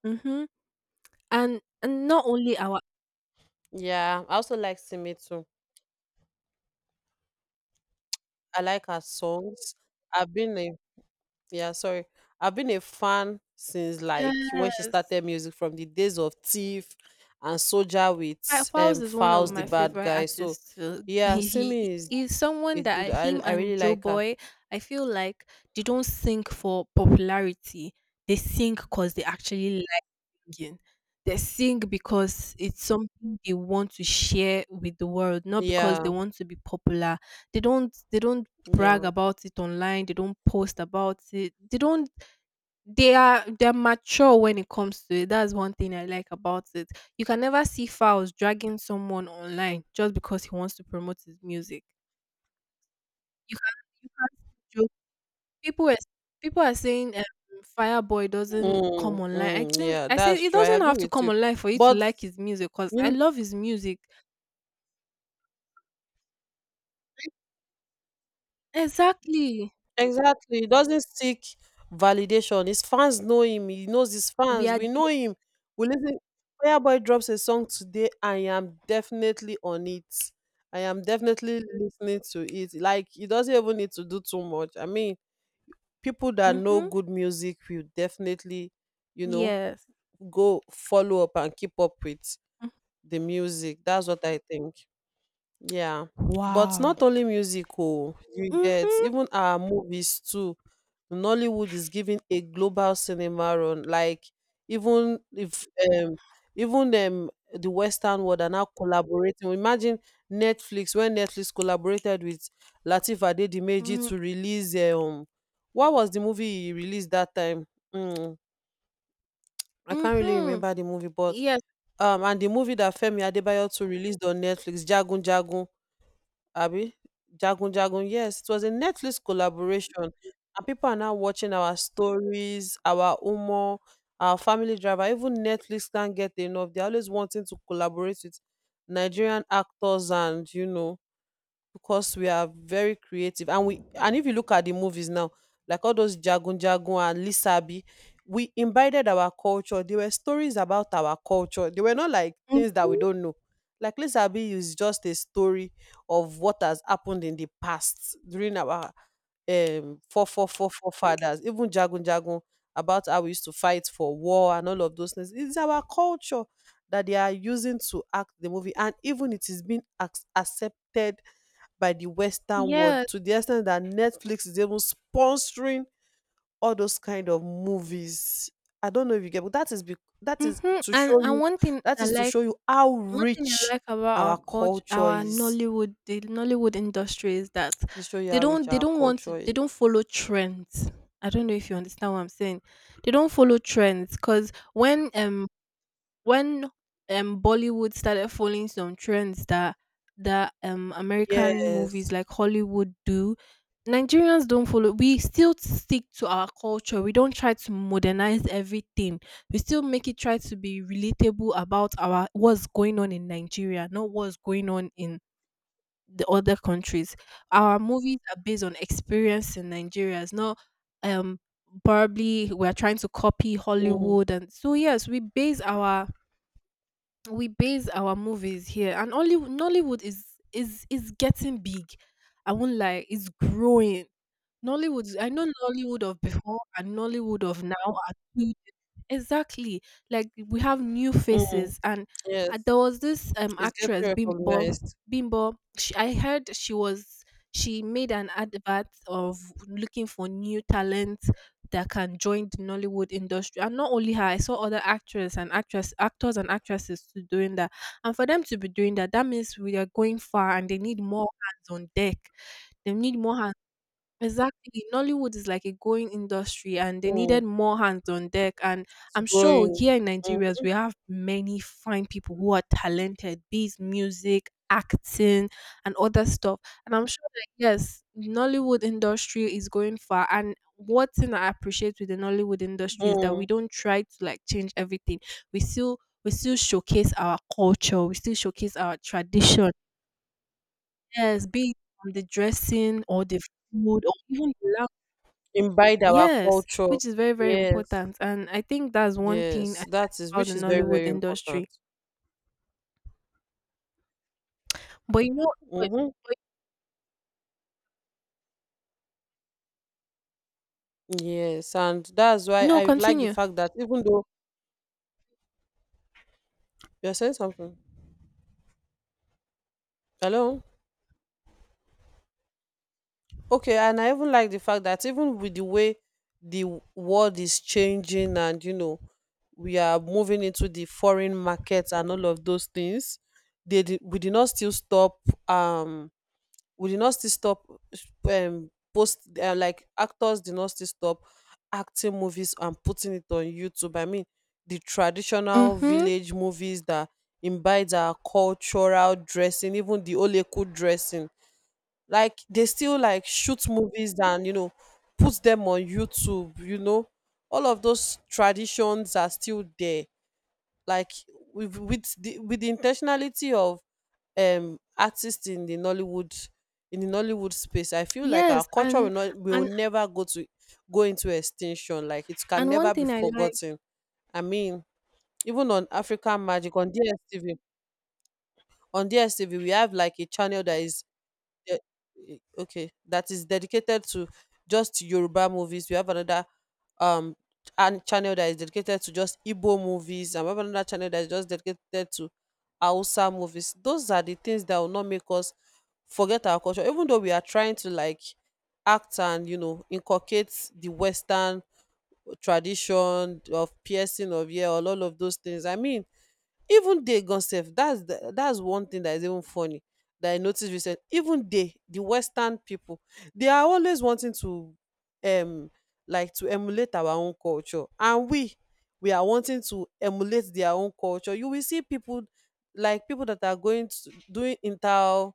Speaker 2: hmm, and and not only our,
Speaker 1: Yeah. I also like Simi too. I like her songs. I've been a Yeah, sorry. I've been a fan since like when she
Speaker 2: yes.
Speaker 1: started music from the days of Thief and Soldier
Speaker 2: Fa-
Speaker 1: with
Speaker 2: Falz
Speaker 1: um
Speaker 2: is one of
Speaker 1: Files the
Speaker 2: my
Speaker 1: Bad
Speaker 2: favorite
Speaker 1: Guy. So
Speaker 2: artists too.
Speaker 1: yeah,
Speaker 2: He,
Speaker 1: Simi is
Speaker 2: he is someone
Speaker 1: a
Speaker 2: that I-
Speaker 1: good I
Speaker 2: him
Speaker 1: I
Speaker 2: and
Speaker 1: really
Speaker 2: Joe
Speaker 1: like her.
Speaker 2: Boy, I feel like they don't sing for popularity. They sing because they actually singing. They sing because it's something they want to share with the world, not because
Speaker 1: Yeah,
Speaker 2: they want to be popular. They don't they don't brag
Speaker 1: yeah.
Speaker 2: about it online, they don't post about it. They don't they are they're mature when it comes to it. That's one thing I like about it. You can never see Fowls dragging someone online just because he wants to promote his music. You can you can't People were people are saying, um, Fireboy doesn't come
Speaker 1: Mm,
Speaker 2: online. I
Speaker 1: mm,
Speaker 2: think
Speaker 1: yeah,
Speaker 2: I said
Speaker 1: that's
Speaker 2: it
Speaker 1: true. I
Speaker 2: doesn't
Speaker 1: agree
Speaker 2: have to
Speaker 1: with
Speaker 2: come
Speaker 1: you.
Speaker 2: online for you to
Speaker 1: But
Speaker 2: like his music because I
Speaker 1: you
Speaker 2: love his music. Exactly.
Speaker 1: Exactly. He doesn't seek validation. His fans know him. He knows his
Speaker 2: We
Speaker 1: fans.
Speaker 2: are
Speaker 1: We know him. We listen. Fireboy drops a song today. I am definitely on it. I am definitely listening to it. Like he doesn't even need to do too much. I mean, people that know
Speaker 2: mhm.
Speaker 1: good music will definitely, you know,
Speaker 2: Yes.
Speaker 1: go follow up and keep up with
Speaker 2: Mm.
Speaker 1: the music. That's what I think. Yeah, but
Speaker 2: Wow.
Speaker 1: not only music, oh, you get
Speaker 2: Mhm.
Speaker 1: even our movies too. Nollywood is giving a global cinema run. Like even if um even um the Western world are now collaborating. Imagine Netflix when Netflix collaborated with Lateef Adedimeji
Speaker 2: Mm,
Speaker 1: to release um what was the movie he released that time? Mm, I can't really
Speaker 2: mhm.
Speaker 1: remember the movie, but
Speaker 2: Yes.
Speaker 1: um and the movie that Femi Adebayo to released on Netflix, Jagun Jagun. Abi Jagun Jagun, yes, it was a Netflix collaboration, and people are now watching our stories, our humor, our family drama. Even Netflix can't get enough. They're always wanting to collaborate with Nigerian actors, and you know, because we are very creative, and we, and if you look at the movies now, like all those Jagun Jagun and Lisabi, we imbibed our culture. There were stories about our culture. They were not like things that we
Speaker 2: Mhm.
Speaker 1: don't know. Like Lisabi is just a story of what has happened in the past during our um four four four forefathers. Even Jagun Jagun, about how we used to fight for war and all of those things. It's our culture that they are using to act the movie, and even it is being ac- accepted by the Western world
Speaker 2: Yes.
Speaker 1: to the extent that Netflix is even sponsoring all those kind of movies. I don't know if you get, but that is bec that is
Speaker 2: Mhm.
Speaker 1: to
Speaker 2: And
Speaker 1: show
Speaker 2: and
Speaker 1: you,
Speaker 2: one thing
Speaker 1: that
Speaker 2: I
Speaker 1: is to
Speaker 2: like
Speaker 1: show you how
Speaker 2: one thing I
Speaker 1: rich
Speaker 2: like about our
Speaker 1: our
Speaker 2: culture,
Speaker 1: culture
Speaker 2: our
Speaker 1: is.
Speaker 2: Nollywood, the Nollywood industry is that
Speaker 1: To show you
Speaker 2: they
Speaker 1: how
Speaker 2: don't
Speaker 1: rich
Speaker 2: they
Speaker 1: our
Speaker 2: don't want to,
Speaker 1: culture
Speaker 2: they
Speaker 1: is.
Speaker 2: don't follow trends. I don't know if you understand what I'm saying. They don't follow trends because when um when um Bollywood started following some trends that that um American movies
Speaker 1: Yes.
Speaker 2: like Hollywood do, Nigerians don't follow. We still stick to our culture. We don't try to modernize everything. We still make it try to be relatable about our what's going on in Nigeria, not what's going on in the other countries. Our movies are based on experience in Nigeria. It's not um probably we're trying to copy
Speaker 1: Mm,
Speaker 2: Hollywood, and so yes, we base our we base our movies here, and only nollywood is is is getting big. I won't lie, it's growing. Nollywood, I know nollywood of before and nollywood of now are two. Exactly. Like we have new
Speaker 1: mm,
Speaker 2: faces, and uh,
Speaker 1: yes.
Speaker 2: there was this um
Speaker 1: It's getting
Speaker 2: actress Bimbo.
Speaker 1: recognized.
Speaker 2: Bimbo. She, I heard she was, she made an advert of looking for new talent that can join the Nollywood industry. And not only her, I saw other actors and actress actors and actresses too doing that. And for them to be doing that, that means we are going far, and they need more hands on deck. They need more hands. Exactly. Nollywood is like a growing industry and they
Speaker 1: Mm,
Speaker 2: needed more hands on deck. And
Speaker 1: it's
Speaker 2: I'm sure
Speaker 1: growing.
Speaker 2: here in
Speaker 1: Mm,
Speaker 2: Nigeria, we have many fine people who are talented, be it music, acting, and other stuff. And I'm sure that, yes, Nollywood industry is going far. And one thing I appreciate with the Nollywood industry is that we
Speaker 1: mm.
Speaker 2: don't try to like change everything. We still we still showcase our culture. We still showcase our tradition. Yes, be it from the dressing or the food or even the.
Speaker 1: Imbibe our
Speaker 2: Yes,
Speaker 1: culture.
Speaker 2: which is very, very
Speaker 1: Yes.
Speaker 2: important. And I think that's one thing I like
Speaker 1: Yes. That is,
Speaker 2: about the
Speaker 1: which is very,
Speaker 2: Nollywood
Speaker 1: very important.
Speaker 2: industry. But you know, but,
Speaker 1: Mhm. Yes, and that's why
Speaker 2: no,
Speaker 1: I like the
Speaker 2: continue.
Speaker 1: fact that even though you're saying something, hello, okay, and I even like the fact that even with the way the w- world is changing, and you know, we are moving into the foreign markets and all of those things, they did, we did not still stop um we did not still stop um post uh, like actors did not still stop acting movies and putting it on YouTube. I mean, the traditional
Speaker 2: Mm-hmm.
Speaker 1: village movies that imbibes our cultural dressing, even the oleku dressing, like they still like shoot movies and you know put them on YouTube, you know, all of those traditions are still there. Like with with the with the intentionality of um artists in the Nollywood, in the Nollywood space, I feel like our
Speaker 2: Yes,
Speaker 1: culture will
Speaker 2: and
Speaker 1: not, will
Speaker 2: and
Speaker 1: never go to go into extinction. Like it can
Speaker 2: and one
Speaker 1: never be
Speaker 2: thing I like,
Speaker 1: forgotten. I mean, even on African Magic on D S T V, on D S T V we have like a channel that is de- eh, okay that is dedicated to just Yoruba movies. We have another um and channel that is dedicated to just Igbo movies, and we have another channel that is just dedicated to Hausa movies. Those are the things that will not make us forget our culture, even though we are trying to like act and you know inculcate the Western tradition of piercing of ear, all all of those things. I mean, even they gonsef, that's the, that's one thing that is even funny that I noticed recent. Even they, the Western people, they are always wanting to um like to emulate our own culture, and we we are wanting to emulate their own culture. You will see people like people that are going to doing inter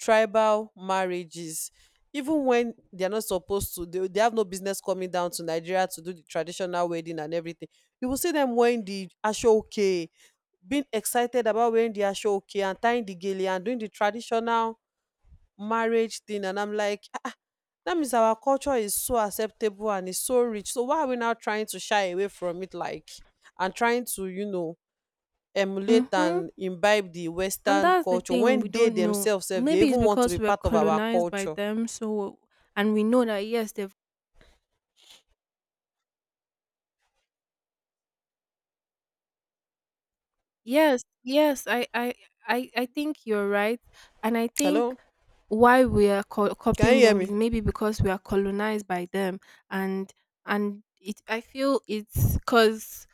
Speaker 1: tribal marriages even when they are not supposed to, they, they have no business coming down to Nigeria to do the traditional wedding and everything. You will see them wearing the ashoke, being excited about wearing the ashoke and tying the gele and doing the traditional marriage thing, and I'm like, "Ah, ah, that means our culture is so acceptable and it's so rich, so why are we now trying to shy away from it, like, and trying to you know emulate
Speaker 2: mm-hmm.
Speaker 1: and imbibe the
Speaker 2: And
Speaker 1: Western
Speaker 2: that's the
Speaker 1: culture
Speaker 2: thing we
Speaker 1: when they
Speaker 2: don't know.
Speaker 1: themselves sef dey
Speaker 2: Maybe it's
Speaker 1: even want to
Speaker 2: because
Speaker 1: be
Speaker 2: we're
Speaker 1: part of our
Speaker 2: colonized by
Speaker 1: culture.
Speaker 2: them, so and we know that yes, they've. Yes, yes, I, I, I, I think you're right, and I think
Speaker 1: Hello,
Speaker 2: why we are co-
Speaker 1: can you
Speaker 2: copying
Speaker 1: hear
Speaker 2: them is
Speaker 1: me?
Speaker 2: maybe because we are colonized by them, and and it, I feel it's because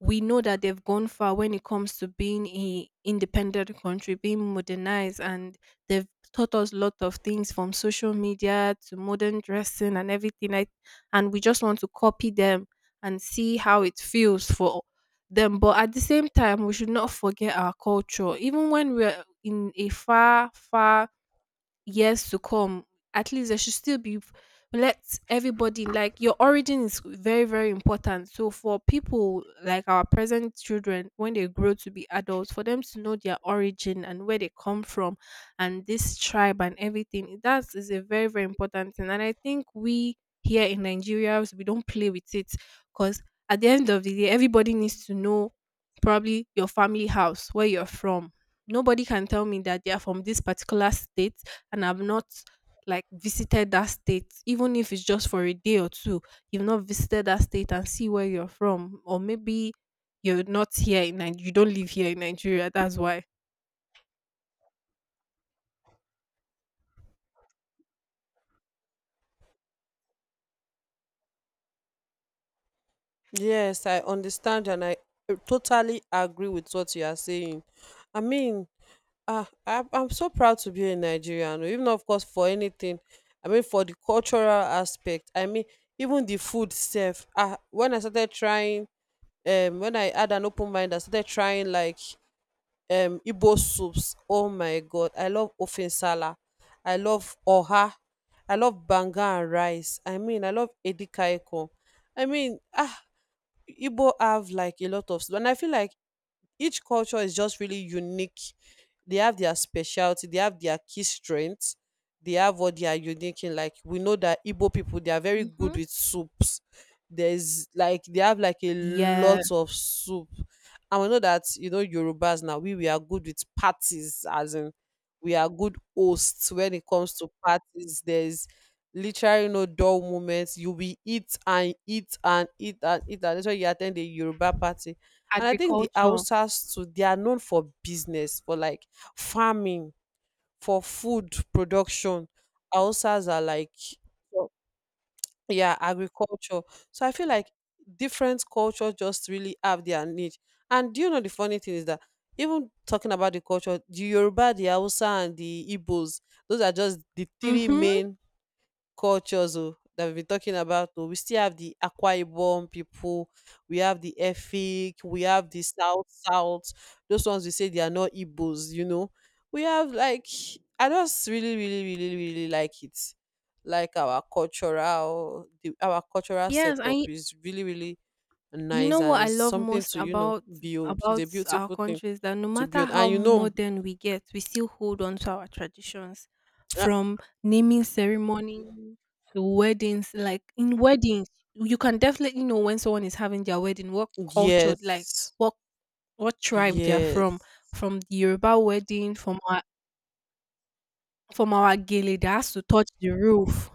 Speaker 2: we know that they've gone far when it comes to being a independent country, being modernized, and they've taught us a lot of things from social media to modern dressing and everything. I, and we just want to copy them and see how it feels for them. But at the same time, we should not forget our culture. Even when we're in a far, far years to come, at least there should still be, let everybody like your origin is very, very important. So for people like our present children, when they grow to be adults, for them to know their origin and where they come from and this tribe and everything, that is a very, very important thing. And I think we here in Nigeria, we don't play with it, because at the end of the day, everybody needs to know probably your family house, where you're from. Nobody can tell me that they are from this particular state and have not like visited that state, even if it's just for a day or two, you've not visited that state and see where you're from, or maybe you're not here in Nigeria, you don't live here in Nigeria, that's why.
Speaker 1: Yes, I understand, and I totally agree with what you are saying. I mean, ah, I'm, I'm so proud to be a Nigerian, oh, even of course for anything. I mean, for the cultural aspect. I mean, even the food itself. Ah, when I started trying, um, when I had an open mind, I started trying like um Igbo soups. Oh my God, I love ofensala. I love oha. I love banga and rice. I mean, I love edikaikong. I mean, ah, Igbo have like a lot of, and I feel like each culture is just really unique. They have their specialty, they have their key strengths, they have what they are unique in. Like we know that Igbo people they are very
Speaker 2: Hmm.
Speaker 1: good with soups. There's like they have like a
Speaker 2: Yes,
Speaker 1: lot of soup. And we know that, you know, Yorubas now, we, we are good with parties, as in we are good hosts when it comes to parties. There's literally no dull moments. You will eat and eat and eat and eat, and that's why you attend a Yoruba party. And I think the
Speaker 2: agriculture.
Speaker 1: Hausas too, they are known for business, for like farming, for food production. Hausas are like, so- yeah, agriculture. So I feel like different cultures just really have their niche. And do you know the funny thing is that even talking about the culture, the Yoruba, the Hausa, and the Igbos, those are just the three
Speaker 2: Mm-hmm.
Speaker 1: main cultures oh, that we've been talking about oh. We still have the Akwa Ibom people, we have the Efik, we have the South South. Those ones we say they are not Igbos, you know. We have like, I just really, really, really, really like it. Like our cultural the, our cultural
Speaker 2: Yes,
Speaker 1: setup
Speaker 2: and,
Speaker 1: is really, really
Speaker 2: you
Speaker 1: nice,
Speaker 2: know
Speaker 1: and
Speaker 2: what I
Speaker 1: it's
Speaker 2: love
Speaker 1: something
Speaker 2: most
Speaker 1: to, you know,
Speaker 2: about
Speaker 1: build. It's a
Speaker 2: about our
Speaker 1: beautiful thing
Speaker 2: country is that no
Speaker 1: to
Speaker 2: matter
Speaker 1: build.
Speaker 2: how
Speaker 1: And you know,
Speaker 2: modern we get, we still hold on to our traditions, from naming ceremony to weddings. Like in weddings, you can definitely know when someone is having their wedding, what culture, like
Speaker 1: yes,
Speaker 2: what what tribe they are from.
Speaker 1: yes.
Speaker 2: From the Yoruba wedding, from our from our gele that has to touch the roof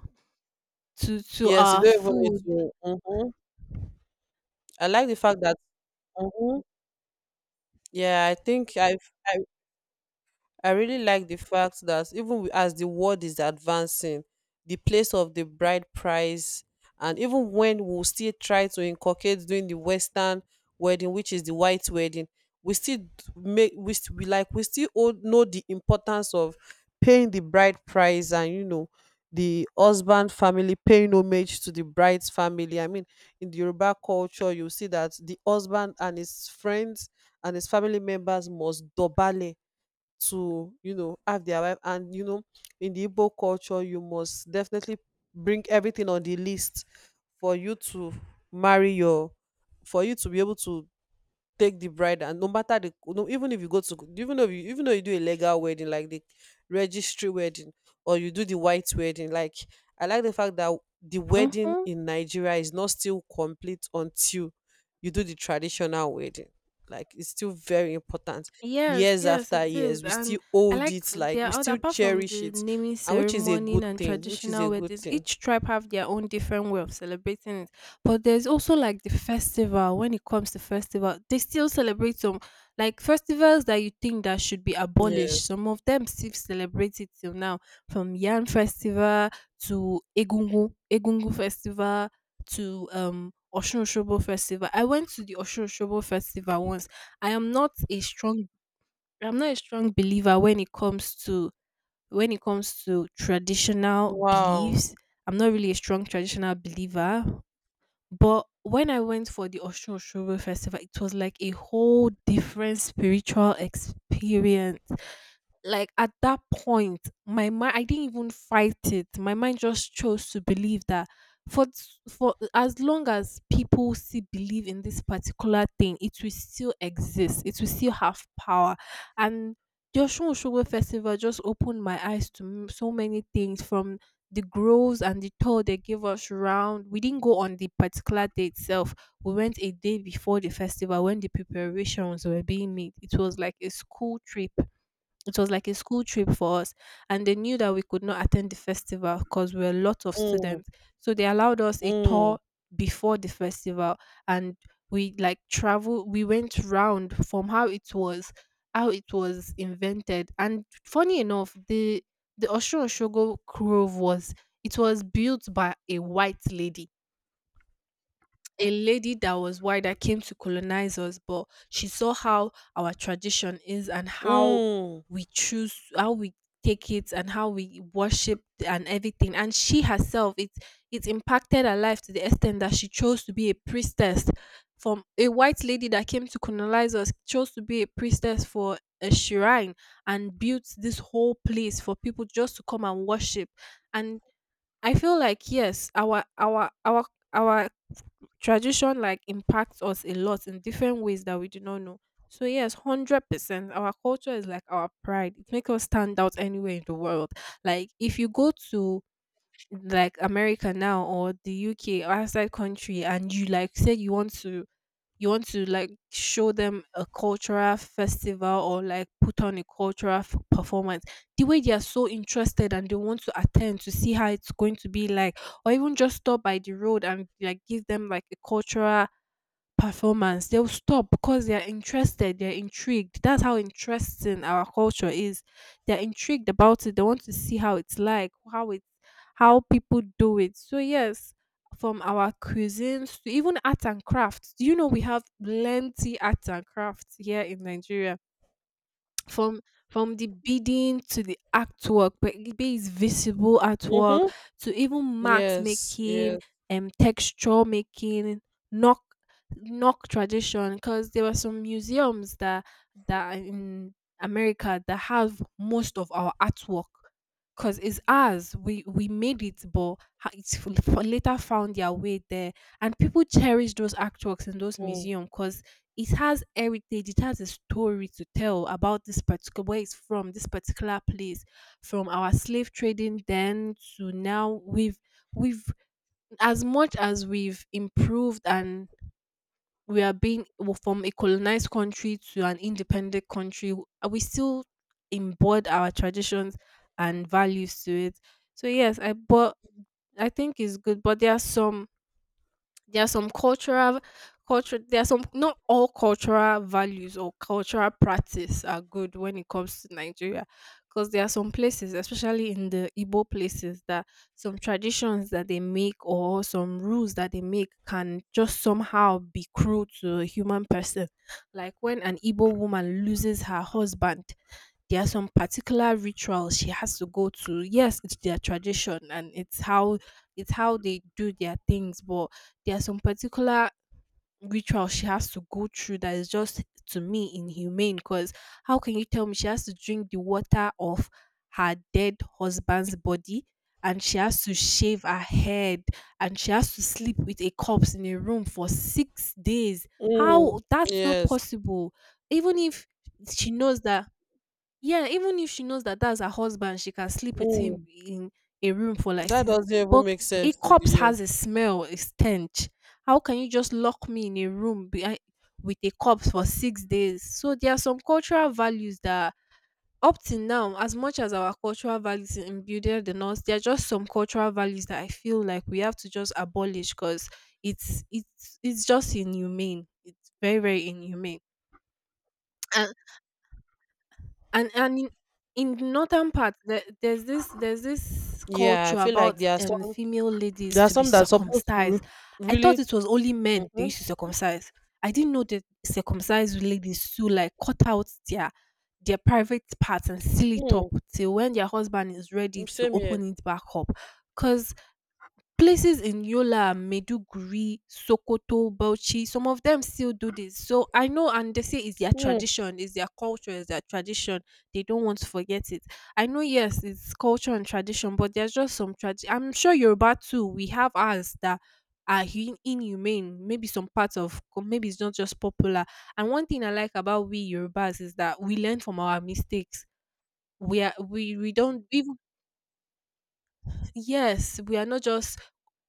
Speaker 2: to to
Speaker 1: Yes, you
Speaker 2: our
Speaker 1: don't even need
Speaker 2: food.
Speaker 1: to. Mhm. I like the fact that, mhm. Yeah, I think I've, I, I really like the fact that even wi- as the world is advancing, the place of the bride price, and even when we still try to inculcate doing the Western wedding, which is the white wedding, we still d- make we, st- we like we still all know the importance of paying the bride price and you know the husband family paying homage to the bride's family. I mean, in the Yoruba culture, you see that the husband and his friends and his family members must dobale to you know have their wife, and you know in the Igbo culture you must definitely bring everything on the list for you to marry your for you to be able to take the bride. And no matter the no, even if you go to even though you even though you do a legal wedding like the registry wedding, or you do the white wedding, like I like the fact that the wedding
Speaker 2: Mhm.
Speaker 1: in Nigeria is not still complete until you do the traditional wedding, like it's still very important.
Speaker 2: Yes,
Speaker 1: Years
Speaker 2: yes, it
Speaker 1: after
Speaker 2: is.
Speaker 1: years we
Speaker 2: And
Speaker 1: still
Speaker 2: I
Speaker 1: hold
Speaker 2: like f-
Speaker 1: it, like
Speaker 2: there
Speaker 1: we
Speaker 2: are oth-
Speaker 1: still
Speaker 2: apart from
Speaker 1: cherish
Speaker 2: the
Speaker 1: it.
Speaker 2: naming
Speaker 1: And which is a
Speaker 2: ceremony
Speaker 1: good
Speaker 2: and
Speaker 1: thing, which is a
Speaker 2: traditional
Speaker 1: good
Speaker 2: weddings,
Speaker 1: thing
Speaker 2: each tribe have their own different way of celebrating it. But there's also like the festival. When it comes to festival, they still celebrate some like festivals that you think that should be
Speaker 1: yeah.
Speaker 2: abolished. Some of them still celebrate it till now, from Yan Festival to Egungu Egungu Festival to um Oshun Oshobo Festival. I went to the Oshun Oshobo Festival once. I am not a strong I'm not a strong believer when it comes to when it comes to traditional
Speaker 1: Wow.
Speaker 2: beliefs. I'm not really a strong traditional believer, but when I went for the Oshun Oshogbo festival, it was like a whole different spiritual experience. Like at that point, my mind I didn't even fight it. My mind just chose to believe that for s- for as long as people still believe in this particular thing, it will still exist. It will still have power. And the Osun Osogbo festival just opened my eyes to m- so many things, from the groves and the tour they gave us round. We didn't go on the particular day itself. We went a day before the festival when the preparations were being made. It was like a school trip it was like a school trip for us, and they knew that we could not attend the festival because we were a lot of
Speaker 1: mm,
Speaker 2: students. So they allowed us a
Speaker 1: mm,
Speaker 2: tour before the festival, and we like travel. We went round from how it was, how it was invented, and funny enough, the the Oshun Oshogo Grove was it was built by a white lady, a lady that was white that came to colonize us, but she saw how our tradition is and how
Speaker 1: mm.
Speaker 2: we choose, how we take it, and how we worship and everything. And she herself, it it impacted her life to the extent that she chose to be a priestess. From a white lady that came to colonize us, chose to be a priestess for a shrine and built this whole place for people just to come and worship. And I feel like yes, our our our our tradition like impacts us a lot in different ways that we do not know. So yes, hundred percent. Our culture is like our pride. It makes us stand out anywhere in the world. Like if you go to like America now or the U K or outside country and you like said you want to you want to like show them a cultural festival or like put on a cultural f- performance, the way they are so interested and they want to attend to see how it's going to be like, or even just stop by the road and like give them like a cultural performance, they'll stop because they're interested, they're intrigued. That's how interesting our culture is. They're intrigued about it. They want to see how it's like, how it how people do it. So yes, from our cuisines to even art and crafts. Do you know we have plenty arts and crafts here in Nigeria? from from the bidding to the artwork, be be it visible artwork,
Speaker 1: Mhm.
Speaker 2: to even marks
Speaker 1: Yes,
Speaker 2: making,
Speaker 1: yes.
Speaker 2: um, texture making, knock knock tradition. Because there were some museums that that are in America that have most of our artwork. Cause it's ours, we we made it, but ha- it's f- f- later found their way there, and people cherish those artworks in those
Speaker 1: Mm,
Speaker 2: museums. Cause it has heritage, it has a story to tell about this particular where it's from, this particular place, from our slave trading then to now. We've we've as much as we've improved and we are being, well, from a colonized country to an independent country, we still embed our traditions and values to it. So yes, i but I think it's good, but there are some, there are some cultural culture there are some, not all cultural values or cultural practice are good when it comes to Nigeria, because there are some places, especially in the Igbo places, that some traditions that they make or some rules that they make can just somehow be cruel to a human person. Like when an Igbo woman loses her husband, there are some particular rituals she has to go to. Yes, it's their tradition and it's how it's how they do their things, but there are some particular ritual she has to go through that is just, to me, inhumane. Because how can you tell me she has to drink the water of her dead husband's body, and she has to shave her head, and she has to sleep with a corpse in a room for six days?
Speaker 1: mm,
Speaker 2: How, that's not
Speaker 1: yes.
Speaker 2: possible. Even if she knows that, yeah, even if she knows that that's her husband, she can sleep with him
Speaker 1: Mm.
Speaker 2: in a room for like
Speaker 1: That
Speaker 2: six.
Speaker 1: doesn't even
Speaker 2: But
Speaker 1: make
Speaker 2: a
Speaker 1: sense to the
Speaker 2: corpse
Speaker 1: year.
Speaker 2: has a smell, a stench. How can you just lock me in a room behind, with a corpse for six days? So there are some cultural values that, up till now, as much as our cultural values are imbued in us, there are just some cultural values that I feel like we have to just abolish because it's it's it's just inhumane. It's very very inhumane. and and in, in the northern part there, there's this there's this
Speaker 1: Yeah, I
Speaker 2: culture
Speaker 1: feel
Speaker 2: about
Speaker 1: like there are
Speaker 2: um
Speaker 1: some
Speaker 2: female ladies
Speaker 1: there are
Speaker 2: to be
Speaker 1: some that's supposed to re-
Speaker 2: circumcised. I thought
Speaker 1: really.
Speaker 2: it was only men they
Speaker 1: Mm-hmm,
Speaker 2: used to circumcise. I didn't know that circumcised ladies too like cut out their their private parts and seal it up
Speaker 1: mm,
Speaker 2: till when their husband is ready
Speaker 1: mm,
Speaker 2: to
Speaker 1: same here.
Speaker 2: open it back up. Because places in Yola, Maiduguri, Sokoto, Bauchi, some of them still do this. So I know, and they say it's their
Speaker 1: Mm.
Speaker 2: tradition, it's their culture, it's their tradition. They don't want to forget it. I know, yes, it's culture and tradition, but there's just some tradition. I'm sure Yoruba too, we have ours that are hu- inhumane. Maybe some parts of, co- maybe it's not just popular. And one thing I like about we Yorubas is that we learn from our mistakes. We are we we don't even Yes, we are not just,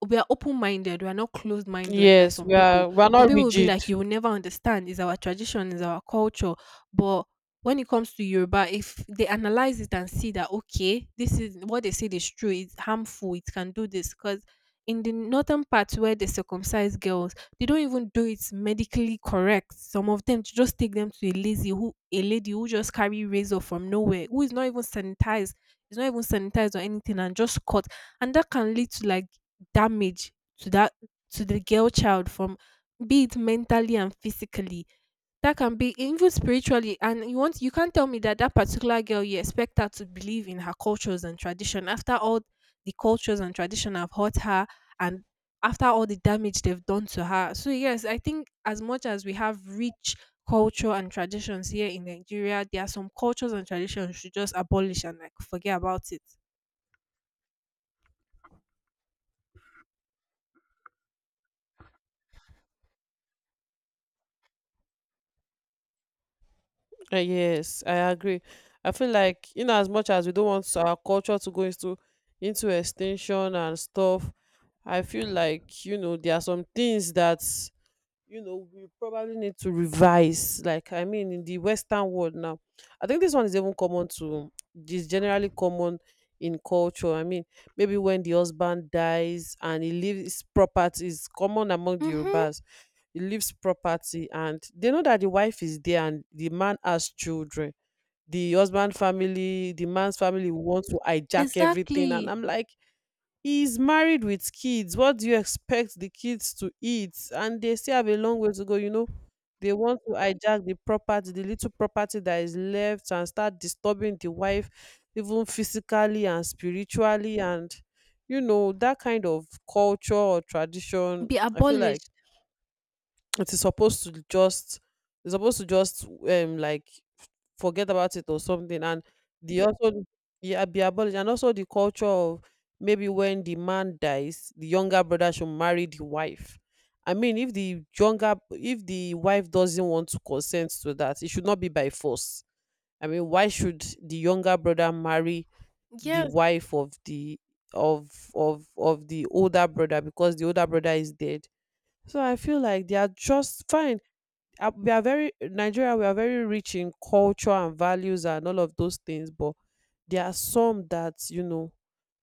Speaker 2: we are open minded. We are not closed minded like that.
Speaker 1: Yes,
Speaker 2: Some
Speaker 1: we
Speaker 2: people,
Speaker 1: are we are
Speaker 2: some
Speaker 1: not
Speaker 2: people will be
Speaker 1: rigid.
Speaker 2: like, you will never understand. It's our tradition, it's our culture. But when it comes to Yoruba, if they analyze it and see that, okay, this is what they said is true, it's harmful, it can do this. Because in the northern part where they circumcise girls, they don't even do it medically correct. Some of them just take them to a lazy who a lady who just carry razor from nowhere, who is not even sanitized, is not even sanitized or anything, and just cut, and that can lead to like damage to that, to the girl child, from, be it mentally and physically, that can be even spiritually. And you want, you can't tell me that that particular girl, you expect her to believe in her cultures and tradition after all the cultures and tradition have hurt her, and after all the damage they've done to her. So yes, I think as much as we have rich culture and traditions here in Nigeria, there are some cultures and traditions we should just abolish and like forget about it.
Speaker 1: Uh, yes, I agree. I feel like, you know, as much as we don't want our culture to go into into extinction and stuff, I feel like, you know, there are some things that you know we probably need to revise. Like, I mean, in the western world now, I think this one is even common to, is generally common in culture. I mean, maybe when the husband dies and he leaves property, is common among the
Speaker 2: Mm-hmm,
Speaker 1: Yorubas. He leaves property and they know that the wife is there and the man has children. The husband family, the man's family want to hijack everything, and
Speaker 2: exactly.
Speaker 1: I'm like, he's married with kids. What do you expect the kids to eat? And they still have a long way to go. You know, they want to hijack the property, the little property that is left, and start disturbing the wife, even physically and spiritually. And, you know, that kind of culture or tradition,
Speaker 2: Be
Speaker 1: I feel like
Speaker 2: abolished.
Speaker 1: it is supposed to just, it's supposed to just, um like, f- forget about it or something. And the also, yeah, be abolished. And also the culture of, maybe when the man dies, the younger brother should marry the wife. I mean, if the younger, if the wife doesn't want to consent to that, it should not be by force. I mean, why should the younger brother marry the
Speaker 2: Yeah.
Speaker 1: wife of the of of of the older brother because the older brother is dead? So I feel like they are just fine. Uh, we are very Nigeria. We are very rich in culture and values and all of those things, but there are some that you know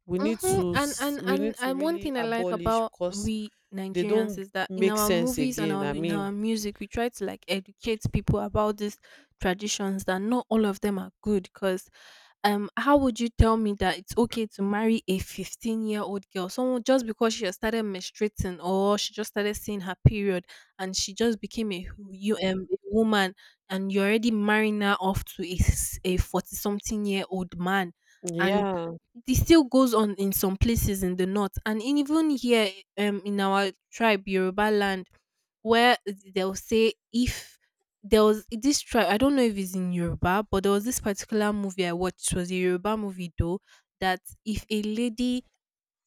Speaker 1: we need
Speaker 2: Mhm.
Speaker 1: to
Speaker 2: and
Speaker 1: s-
Speaker 2: and
Speaker 1: we
Speaker 2: and
Speaker 1: need to
Speaker 2: and one
Speaker 1: really
Speaker 2: thing I like
Speaker 1: abolish
Speaker 2: about
Speaker 1: because
Speaker 2: we
Speaker 1: they
Speaker 2: Nigerians
Speaker 1: don't
Speaker 2: is that in
Speaker 1: make
Speaker 2: our
Speaker 1: sense
Speaker 2: movies and
Speaker 1: again.
Speaker 2: our
Speaker 1: I
Speaker 2: in our
Speaker 1: mean,
Speaker 2: music, we try to like educate people about these traditions that not all of them are good. Cause, um, how would you tell me that it's okay to marry a fifteen-year-old girl, someone just because she has started menstruating or she just started seeing her period, and she just became a hu- you um a woman, and you're already marrying her off to a forty s- a forty-something-year-old man? And
Speaker 1: yeah.
Speaker 2: this still goes on in some places in the north, and in even here, um, in our tribe, Yoruba land, where they'll say if, there was this tribe, I don't know if it's in Yoruba, but there was this particular movie I watched. It was a Yoruba movie though, that if a lady,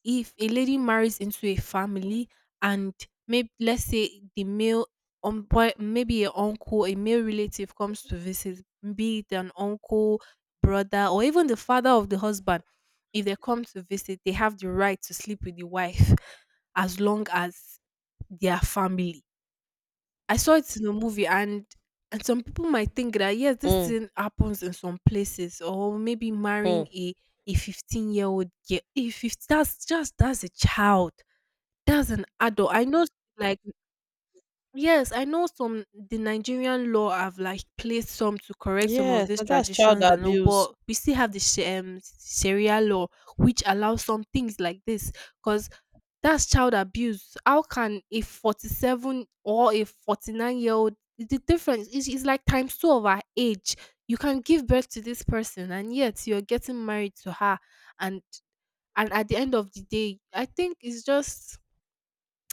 Speaker 2: if a lady marries into a family, and, maybe let's say the male, um, boy- maybe a uncle, a male relative, comes to visit, be it an uncle, brother, or even the father of the husband, if they come to visit they have the right to sleep with the wife, as long as their family. I saw it in a movie. and and some people might think that, yes, this
Speaker 1: Mm-hmm.
Speaker 2: thing happens in some places, or maybe marrying a a fifteen year old girl. if, if that's just, that's a child, that's an adult. I know, like, yes, I know some, the Nigerian law have like placed some to correct some of
Speaker 1: Yes,
Speaker 2: these
Speaker 1: and that's child
Speaker 2: traditions and all,
Speaker 1: abuse.
Speaker 2: but we still have the sh- um, Sharia law which allows some things like this. Because that's child abuse. How can a forty-seven or a forty-nine year old, the difference is, is like times two of our age. You can give birth to this person, and yet you're getting married to her, and and at the end of the day, I think it's just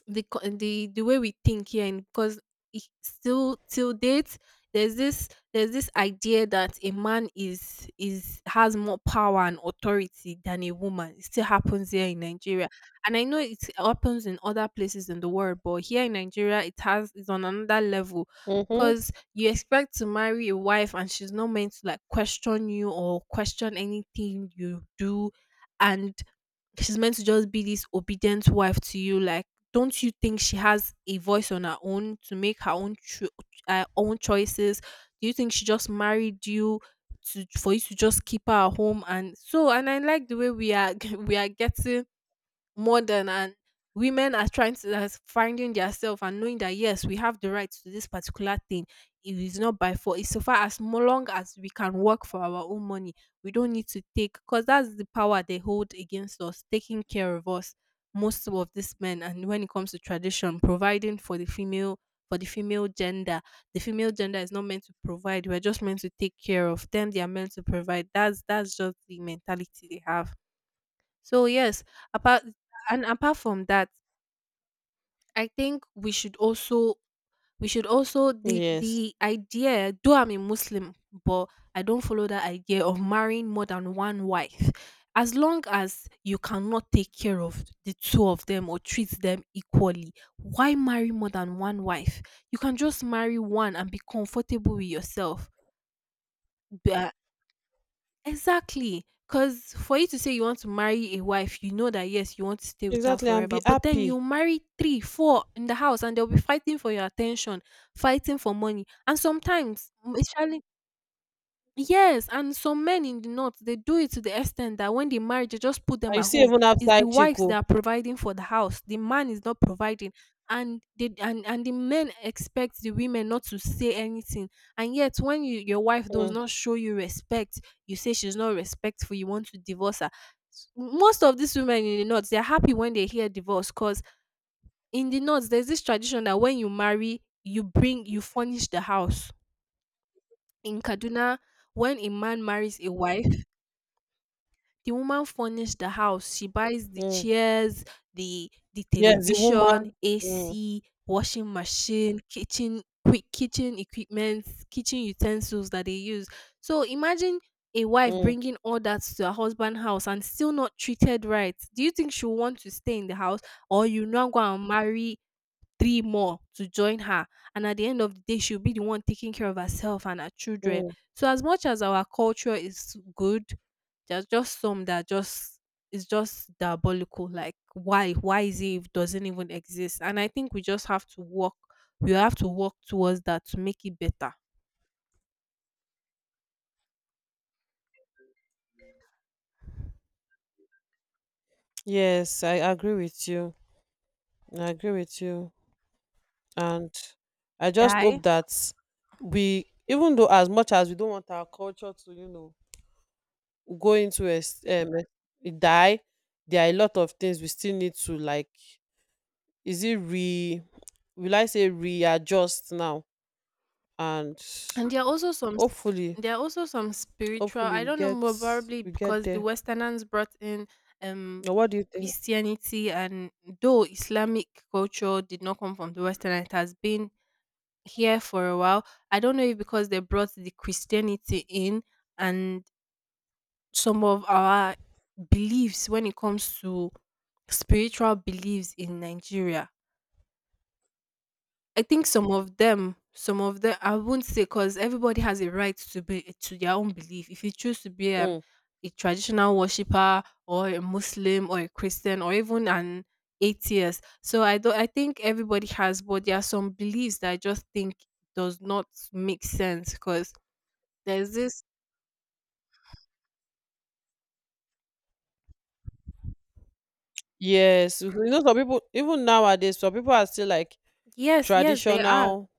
Speaker 2: the co- the the way we think here. And because it- still till date, there's this there's this idea that a man is is has more power and authority than a woman. It still happens here in Nigeria, and I know it happens in other places in the world, but here in Nigeria it has is on another level.
Speaker 1: Mm-hmm.
Speaker 2: Because you expect to marry a wife and she's not meant to like question you or question anything you do, and she's meant to just be this obedient wife to you. Like, don't you think she has a voice on her own to make her own cho- her own choices? Do you think she just married you to for you to just keep her at home? And so, and I like the way we are we are getting modern, and women are trying to that's finding their, and knowing that yes, we have the right to this particular thing. It is not by force. It's so far as mo- long as we can work for our own money, we don't need to take, because that's the power they hold against us, taking care of us, most of these men. And when it comes to tradition, providing for the female for the female gender, the female gender is not meant to provide. We're just meant to take care of them. They are meant to provide. That's that's just the mentality they have. So yes, apart and apart from that, I think we should also, we should also the
Speaker 1: Yes,
Speaker 2: the idea, though I'm a Muslim, but I don't follow that idea of marrying more than one wife. As long as you cannot take care of the two of them or treat them equally, why marry more than one wife? You can just marry one and be comfortable with yourself. Be- uh, Exactly. Because for you to say you want to marry a wife, you know that yes, you want to stay with her
Speaker 1: exactly, and
Speaker 2: forever.
Speaker 1: be
Speaker 2: But then
Speaker 1: happy.
Speaker 2: you marry three, four in the house, and they'll be fighting for your attention, fighting for money. And sometimes, mm, especially yes, and some men in the north, they do it to the extent that when they marry, they just put them
Speaker 1: And you
Speaker 2: at
Speaker 1: see,
Speaker 2: home.
Speaker 1: even
Speaker 2: It's the
Speaker 1: outside
Speaker 2: wives that
Speaker 1: Chico,
Speaker 2: are providing for the house. The man is not providing. And they and, and the men expect the women not to say anything. And yet when you, your wife does
Speaker 1: mm,
Speaker 2: not show you respect, you say she's not respectful, you want to divorce her. S- Most of these women in the north, they're happy when they hear divorce, because in the north, there's this tradition that when you marry, you bring you furnish the house. In Kaduna, when a man marries a wife, the woman furnished the house. She buys the
Speaker 1: mm.
Speaker 2: chairs, the the
Speaker 1: Yes, the woman.
Speaker 2: television,
Speaker 1: Mm,
Speaker 2: A C, washing machine, kitchen quick kitchen equipments, kitchen utensils that they use. So imagine a wife
Speaker 1: mm,
Speaker 2: bringing all that to her husband house and still not treated right. Do you think she'll want to stay in the house, or you now go and marry three more to join her, and at the end of the day she'll be the one taking care of herself and her children?
Speaker 1: mm.
Speaker 2: So as much as our culture is good, there's just some that just is just diabolical. Like, why, why is it, if doesn't even exist. And I think we just have to work we have to work towards that to make it better.
Speaker 1: Yes, I agree with you. I agree with you. And I just
Speaker 2: Die.
Speaker 1: hope that we, even though, as much as we don't want our culture to, you know, go into ex- um, eh, die, there are a lot of things we still need to like, is it re-, will I say readjust now? And
Speaker 2: And there are also some s-
Speaker 1: hopefully,
Speaker 2: there are also some spiritual,
Speaker 1: hopefully
Speaker 2: I
Speaker 1: we
Speaker 2: don't know,
Speaker 1: get,
Speaker 2: more probably
Speaker 1: we get
Speaker 2: because the
Speaker 1: there.
Speaker 2: Westerners brought in um
Speaker 1: Now what do you think?
Speaker 2: Christianity. And though Islamic culture did not come from the Western, it has been here for a while. I don't know if because they brought the Christianity in, and some of our beliefs when it comes to spiritual beliefs in Nigeria, I think some of them, some of them, I won't say, because everybody has a right to be to their own belief. If you choose to be an,
Speaker 1: Mm.
Speaker 2: a traditional worshipper or a Muslim or a Christian or even an atheist, so I don't. I think everybody has, but there are some beliefs that I just think does not make sense, because there's this.
Speaker 1: Yes, you know, some people even nowadays, some people are still like
Speaker 2: Yes, yes, they are.
Speaker 1: traditional,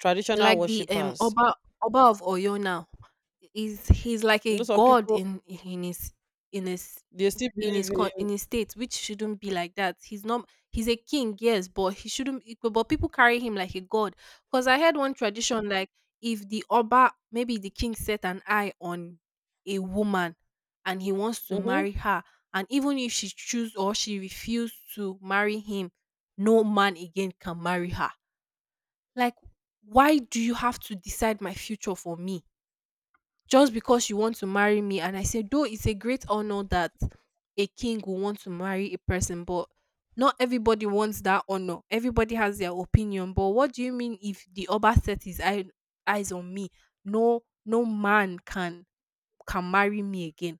Speaker 1: traditional
Speaker 2: Like the, um,
Speaker 1: worshippers.
Speaker 2: Oba, Oba of Oyo now, is he's he's like
Speaker 1: You
Speaker 2: a
Speaker 1: know, some
Speaker 2: god
Speaker 1: people
Speaker 2: in in his in his
Speaker 1: they still
Speaker 2: in his
Speaker 1: believe
Speaker 2: coun
Speaker 1: in.
Speaker 2: in his state, which shouldn't be like that. He's not, he's a king, yes, but he shouldn't it, but people carry him like a god. Cause I had one tradition like if the Oba, maybe the king, set an eye on a woman and he wants to
Speaker 1: Mm-hmm.
Speaker 2: marry her, and even if she choose or she refuse to marry him, no man again can marry her. Like, why do you have to decide my future for me just because you want to marry me? And I said, though it's a great honor that a king will want to marry a person, but not everybody wants that honor. Everybody has their opinion. But what do you mean if the Oba set his eye, eyes on me? No, no man can can marry me again.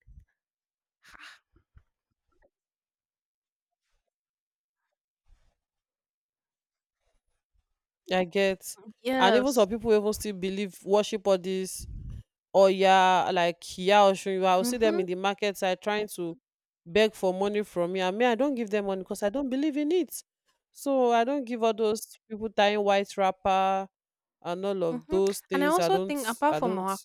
Speaker 1: I get. And even
Speaker 2: Yes.
Speaker 1: some people even still believe, worship all this Oya, like Iya Oshun. I will see them
Speaker 2: Mm-hmm.
Speaker 1: in the market side trying to beg for money from me. And me, I don't give them money because I don't believe in it. So I don't give all those people tying white wrapper and all of
Speaker 2: Mm-hmm.
Speaker 1: those
Speaker 2: And I
Speaker 1: things. I
Speaker 2: also
Speaker 1: don't
Speaker 2: think, apart
Speaker 1: I
Speaker 2: from
Speaker 1: don't
Speaker 2: our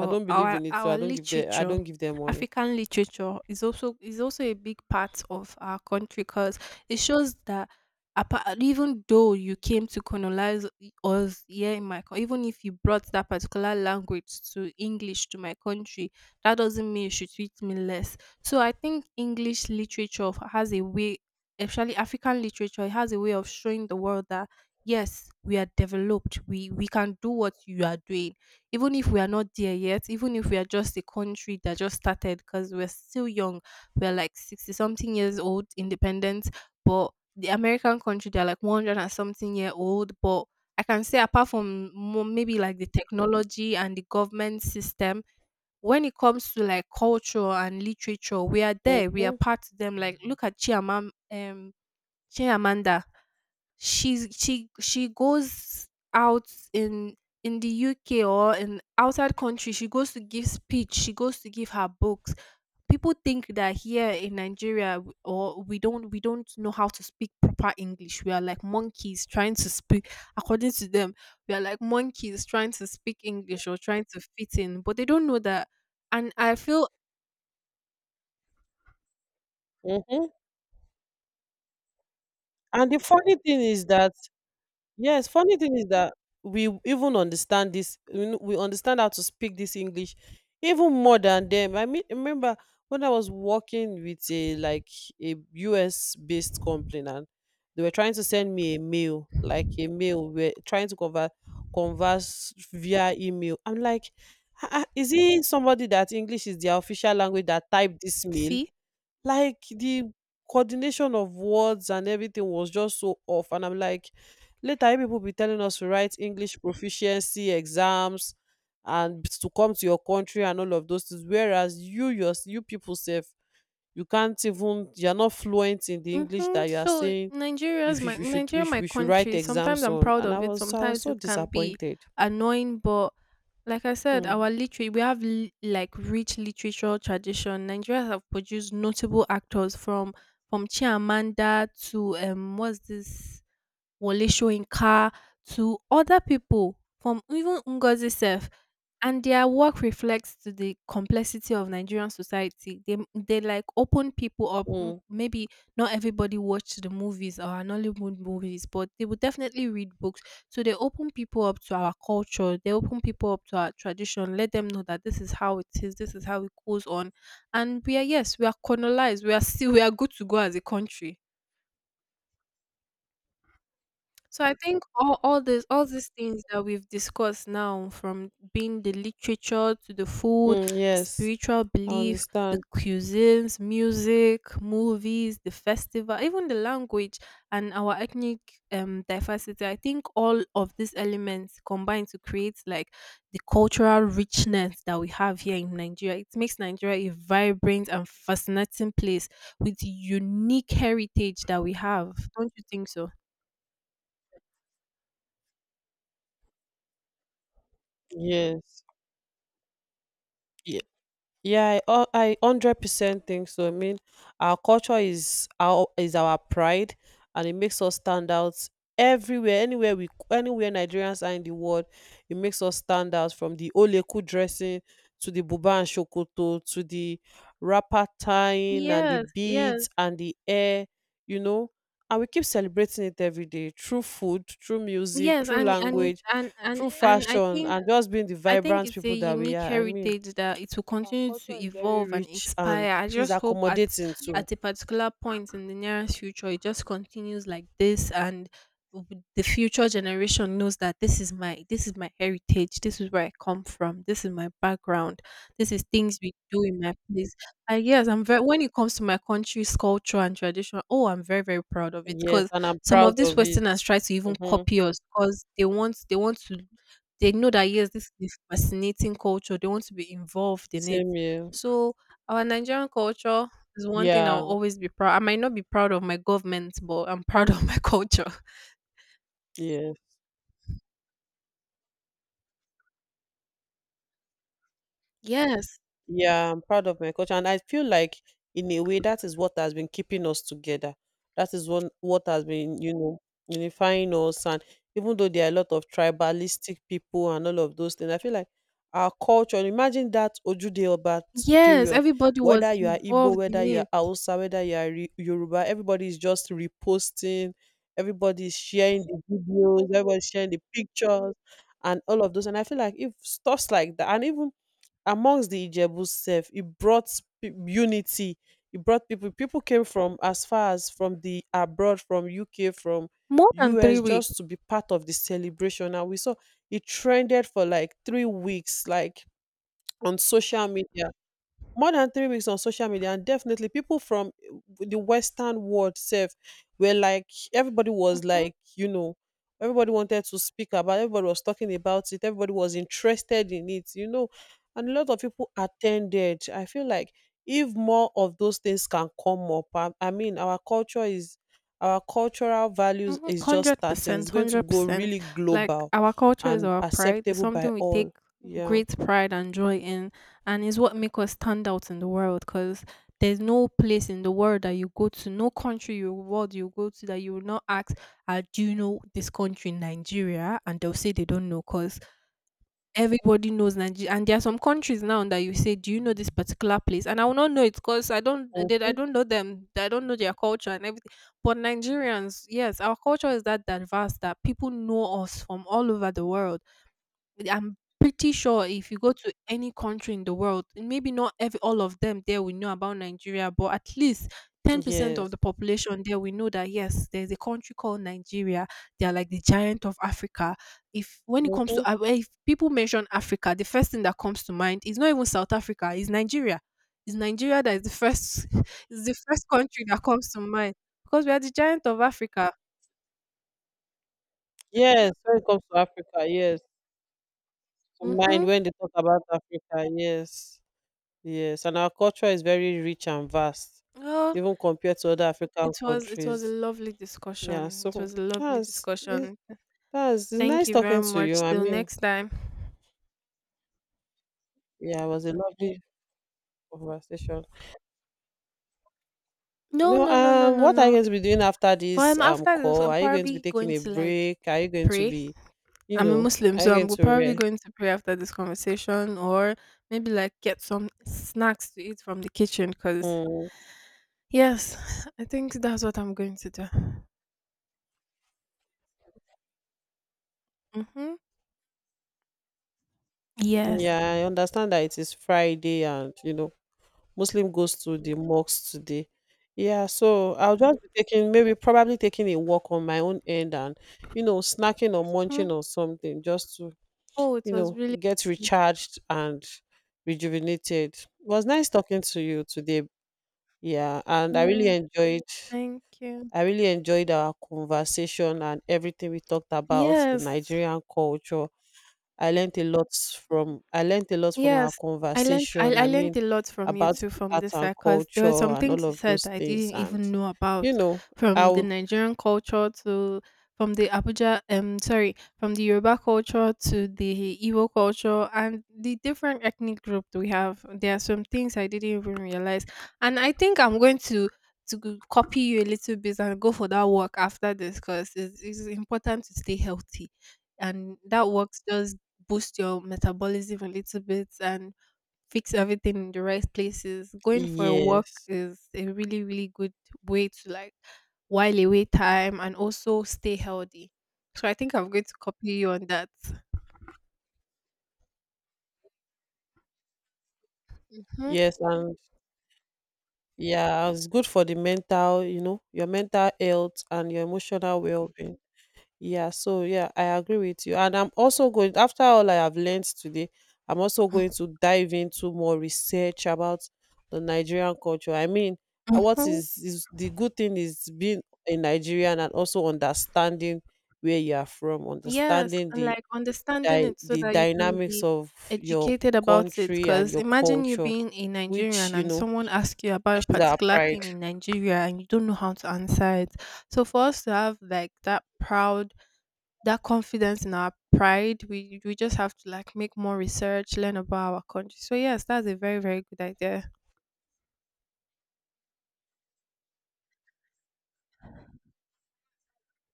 Speaker 1: I don't believe
Speaker 2: our
Speaker 1: in it. So I
Speaker 2: our
Speaker 1: don't give them, I
Speaker 2: literature,
Speaker 1: don't give them money.
Speaker 2: African literature is also is also a big part of our country, because it shows that apart, even though you came to colonize us here in my country, even if you brought that particular language to English to my country, that doesn't mean you should treat me less. So I think English literature has a way, especially African literature, it has a way of showing the world that yes, we are developed. We we can do what you are doing, even if we are not there yet. Even if we are just a country that just started, because we're still young. We're like sixty something years old, independent. But the American country, they're like one hundred and something year old. But I can say, apart from mo- maybe like the technology and the government system, when it comes to like culture and literature, we are there. We are
Speaker 1: Mm-hmm.
Speaker 2: part of them. Like look at Chiamam. Um Che Amanda, she's she she goes out in in the U K or in outside country. She goes to give speech. She goes to give her books. People think that here in Nigeria w- or we don't we don't know how to speak proper English. We are like monkeys trying to speak, according to them. We are like monkeys trying to speak English or trying to fit in, but they don't know that. And I feel
Speaker 1: Mm-hmm. And the funny thing is that, Yes, funny thing is that we even understand this, we kn- we understand how to speak this English even more than them. I mean, remember when I was working with a like a U S based company, and they were trying to send me a mail, like a mail, we're trying to convert converse via email. I'm like, "Ah, ah, is it somebody that English is their official language that typed this mail?"
Speaker 2: see.
Speaker 1: Like, the coordination of words and everything was just so off. And I'm like, later you people be telling us to write English proficiency exams and to come to your country and all of those things, whereas you, your, you people sef, you can't even, you're not fluent in the English
Speaker 2: Mm-hmm.
Speaker 1: that you are
Speaker 2: So
Speaker 1: saying you
Speaker 2: Nigeria's
Speaker 1: should,
Speaker 2: my
Speaker 1: we should we
Speaker 2: Nigeria,
Speaker 1: should,
Speaker 2: my
Speaker 1: we should write
Speaker 2: country. Sometimes
Speaker 1: exams
Speaker 2: I'm
Speaker 1: on.
Speaker 2: proud
Speaker 1: And I
Speaker 2: of it.
Speaker 1: was, i was
Speaker 2: Sometimes
Speaker 1: so
Speaker 2: it can be
Speaker 1: disappointed.
Speaker 2: annoying, but like I said,
Speaker 1: mm,
Speaker 2: our literary we have li- like rich literatural tradition. Nigeria have produced notable actors from from Chimamanda to um what's this Wole Soyinka to other people from even Ngozi self, and their work reflects to the complexity of Nigerian society. They they like open people up. M-
Speaker 1: mm,
Speaker 2: Maybe not everybody watched the movies or an Hollywood movies, but they would definitely read books. So they open people up to our culture. They open people up to our tradition. Let them know that this is how it is. This is how it goes on. And we are yes, we are colonized. We are still we are good to go as a country. So I think all, all this all these things that we've discussed now, from being the literature to the food,
Speaker 1: mm,
Speaker 2: the
Speaker 1: yes,
Speaker 2: spiritual
Speaker 1: I
Speaker 2: belief, the
Speaker 1: understand.
Speaker 2: cuisines, music, movies, the festival, even the language and our ethnic um diversity, I think all of these elements combine to create like the cultural richness that we have here in Nigeria. It makes Nigeria a vibrant and fascinating place with unique heritage that we have. Don't you think so?
Speaker 1: Yes. Yeah. Yeah, I hu- I one hundred percent think so. I mean, our culture is our, is our pride, and it makes us stand out everywhere, anywhere we, anywhere Nigerians are in the world, it makes us stand out, from the Oleku dressing to the buba and shokoto to the wrapper tying and the
Speaker 2: Yes, yes,
Speaker 1: beads and the hair, you know. And we keep celebrating it every day through food, through music,
Speaker 2: yes,
Speaker 1: through
Speaker 2: and and it's
Speaker 1: language,
Speaker 2: and and
Speaker 1: through yeah,
Speaker 2: and I
Speaker 1: fashion,
Speaker 2: think
Speaker 1: and just being the
Speaker 2: I think
Speaker 1: vibrant
Speaker 2: it's a
Speaker 1: people that we
Speaker 2: unique
Speaker 1: are. I mean,
Speaker 2: heritage that it will
Speaker 1: our
Speaker 2: continue
Speaker 1: culture
Speaker 2: to
Speaker 1: is very
Speaker 2: evolve and
Speaker 1: rich and
Speaker 2: expire. I
Speaker 1: is
Speaker 2: just hope at
Speaker 1: accommodating too.
Speaker 2: at a particular point in the nearest future, it just continues like this, and w- the future generation knows that this is my this is my heritage. This is where I come from. This is my background. This is things we do in my place. And yes, I'm very when it comes to my country's culture and tradition. Oh, I'm very, very proud of it,
Speaker 1: Yes,
Speaker 2: because
Speaker 1: and I'm
Speaker 2: some
Speaker 1: proud
Speaker 2: of these
Speaker 1: of it.
Speaker 2: Westerners try to even
Speaker 1: Hmm.
Speaker 2: copy us, because they want they want to, they know that, yes, this is a fascinating culture. They want to be involved in it.
Speaker 1: Same here.
Speaker 2: So our Nigerian culture is one thing I'll
Speaker 1: Yeah,
Speaker 2: always be proud. I might not be proud of my government, but I'm proud of my culture.
Speaker 1: yeah.
Speaker 2: Yes.
Speaker 1: Yeah, I'm proud of my culture, and I feel like in a way that is what has been keeping us together. That is one what has been, you know, unifying us. And even though there are a lot of tribalistic people and all of those things, I feel like our culture. Imagine that Ojude Oba t-
Speaker 2: Yes,
Speaker 1: period.
Speaker 2: everybody was
Speaker 1: Whether you are Igbo,
Speaker 2: involved in
Speaker 1: whether you are
Speaker 2: it.
Speaker 1: Hausa, whether you are Re- Yoruba, everybody is just reposting. Everybody is sharing the videos. Everybody is sharing the pictures and all of those. And I feel like if stuffs like that, and even amongst the Ijebu sef, it brought p- unity. It brought people, people came from as far as from the abroad, from U K, from
Speaker 2: More than three
Speaker 1: U S,
Speaker 2: weeks.
Speaker 1: just to be part of the celebration. And we saw it trended for like three weeks, like on social media, more than three weeks on social media. And definitely people from eh, the western world self were like, everybody was
Speaker 2: Mhm.
Speaker 1: like, you know, everybody wanted to speak about, everybody was talking about it, everybody was interested in it, you know. And a lot of people attended. I feel like if more of those things can come up, i, I mean our culture is, our cultural values
Speaker 2: Mhm,
Speaker 1: is just starting, it's
Speaker 2: one hundred percent,
Speaker 1: going to go
Speaker 2: one hundred percent.
Speaker 1: really
Speaker 2: Like
Speaker 1: global
Speaker 2: our culture is
Speaker 1: and
Speaker 2: our pride. It's
Speaker 1: acceptable by
Speaker 2: something we take
Speaker 1: all. Yeah.
Speaker 2: great pride and joy in, and is what make us stand out in the world, cuz there's no place in the world that you go to, no country you world you go to, that you will not ask, uh, do you know this country Nigeria? And they'll say they don't know, cuz everybody knows Nigeria. And there are some countries now that you say, "Do you know this particular place?" And I will not know it, because I don't, I did- I
Speaker 1: Mhm.
Speaker 2: don't know them. I don't know their culture and everything. But Nigerians, yes, our culture is that diverse that people know us from all over the world. I'm pretty sure if you go to any country in the world, and maybe not every all of them there will know about Nigeria, but at least ten percent of
Speaker 1: Yes.
Speaker 2: the population there we know that yes, there's a country called Nigeria. They are like the giant of Africa. If when it comes
Speaker 1: Mhm.
Speaker 2: to Af- if people mention Africa, the first thing that comes to mind is not even South Africa, it's Nigeria. It's Nigeria that is the first is the first country that comes to mind, because we are the giant of Africa.
Speaker 1: Yes, when it comes to Africa, yes. To mind
Speaker 2: Mm-hmm.
Speaker 1: when they talk about Africa, yes. Yes. And our culture is very rich and vast,
Speaker 2: Oh,
Speaker 1: even compared to other African
Speaker 2: It was it was a
Speaker 1: countries.
Speaker 2: lovely
Speaker 1: Yeah,
Speaker 2: discussion. It
Speaker 1: so
Speaker 2: was a lovely
Speaker 1: that's it.
Speaker 2: discussion.
Speaker 1: That's, it's
Speaker 2: Thank
Speaker 1: nice
Speaker 2: you very
Speaker 1: talking to you.
Speaker 2: much.
Speaker 1: I
Speaker 2: Till
Speaker 1: mean,
Speaker 2: next time.
Speaker 1: yeah, it was a lovely conversation.
Speaker 2: No,
Speaker 1: No,
Speaker 2: no, no, no,
Speaker 1: um,
Speaker 2: no,
Speaker 1: what are you
Speaker 2: no.
Speaker 1: going to be doing after
Speaker 2: For
Speaker 1: this
Speaker 2: I'm
Speaker 1: um
Speaker 2: after this,
Speaker 1: call?
Speaker 2: I'm
Speaker 1: Are you going to be
Speaker 2: probably
Speaker 1: taking
Speaker 2: going
Speaker 1: a
Speaker 2: to like
Speaker 1: break? Are you going to
Speaker 2: pray.
Speaker 1: be, you
Speaker 2: I'm a
Speaker 1: know,
Speaker 2: Muslim,
Speaker 1: are you
Speaker 2: so I'm
Speaker 1: going
Speaker 2: go-
Speaker 1: to
Speaker 2: probably
Speaker 1: rest?
Speaker 2: going to pray after this conversation, or maybe like get some snacks to eat from the kitchen. Cause
Speaker 1: Mm,
Speaker 2: yes, I think that's what I'm going to do. Mm-hmm. Yes.
Speaker 1: yeah, I understand that it is Friday and you know Muslim goes to the mosques today. Yeah, so I'll just be taking, maybe probably taking a walk on my own end, and you know, snacking or munching
Speaker 2: Hmm.
Speaker 1: or something, just to
Speaker 2: Oh, it
Speaker 1: you
Speaker 2: was
Speaker 1: know,
Speaker 2: really.
Speaker 1: get recharged and rejuvenated. It was nice talking to you today. Yeah, and I really
Speaker 2: Mm,
Speaker 1: enjoyed,
Speaker 2: thank you.
Speaker 1: I really enjoyed our conversation and everything we talked about, the
Speaker 2: Yes.
Speaker 1: Nigerian culture. I learned a lot from, I learned a lot from our
Speaker 2: Yes, I learned I,
Speaker 1: conversation.
Speaker 2: I
Speaker 1: I
Speaker 2: learned
Speaker 1: mean,
Speaker 2: a lot from you
Speaker 1: about
Speaker 2: too
Speaker 1: the
Speaker 2: from
Speaker 1: art
Speaker 2: this
Speaker 1: and
Speaker 2: side, because there were
Speaker 1: culture
Speaker 2: some
Speaker 1: and all
Speaker 2: things you
Speaker 1: of
Speaker 2: said
Speaker 1: those
Speaker 2: that I
Speaker 1: things.
Speaker 2: didn't
Speaker 1: And
Speaker 2: even know
Speaker 1: you
Speaker 2: about,
Speaker 1: know, I
Speaker 2: from the
Speaker 1: would,
Speaker 2: Nigerian culture to, from the Abuja um sorry, from the Yoruba culture to the Igbo culture and the different ethnic group we have. There are some things I didn't even realize, and I think I'm going to to go- copy you a little bit and go for that walk after this, because it's, it's important to stay healthy, and that works just boost your metabolism a little bit and fix everything in the right places. Going for a walk
Speaker 1: yes,
Speaker 2: is a really, really good way to like while away time and also stay healthy. So I think I'm going to copy you on that. Mhm.
Speaker 1: yes, and yeah, it's good for the mental. You know, your mental health and your emotional well-being. Yeah, so yeah, I agree with you. And I'm also going, after all I have learned today, I'm also going to dive into more research about the Nigerian culture. I mean, uh, what
Speaker 2: Mhm.
Speaker 1: is, is the good thing is being a Nigerian and also understanding where you are from,
Speaker 2: Yes,
Speaker 1: understanding
Speaker 2: and
Speaker 1: the
Speaker 2: like understanding
Speaker 1: di-
Speaker 2: it so
Speaker 1: the
Speaker 2: that you can
Speaker 1: dynamics
Speaker 2: be
Speaker 1: of your
Speaker 2: educated about it.
Speaker 1: country and
Speaker 2: Because
Speaker 1: your
Speaker 2: imagine you
Speaker 1: culture,
Speaker 2: being a
Speaker 1: which,
Speaker 2: Nigerian
Speaker 1: you
Speaker 2: and
Speaker 1: know,
Speaker 2: someone asks you about a
Speaker 1: which is our
Speaker 2: particular
Speaker 1: pride.
Speaker 2: thing in Nigeria and you don't know how to answer it. So for us to have like that proud that confidence in our pride, we we just have to like make more research, learn about our country. So yes, that's a very, very good idea.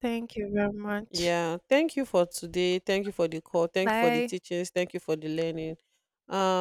Speaker 2: Thank you very much.
Speaker 1: Yeah, thank you for today. Thank you for the call. Thank you for the
Speaker 2: Bye.
Speaker 1: teachings. Thank you for the learning. Um,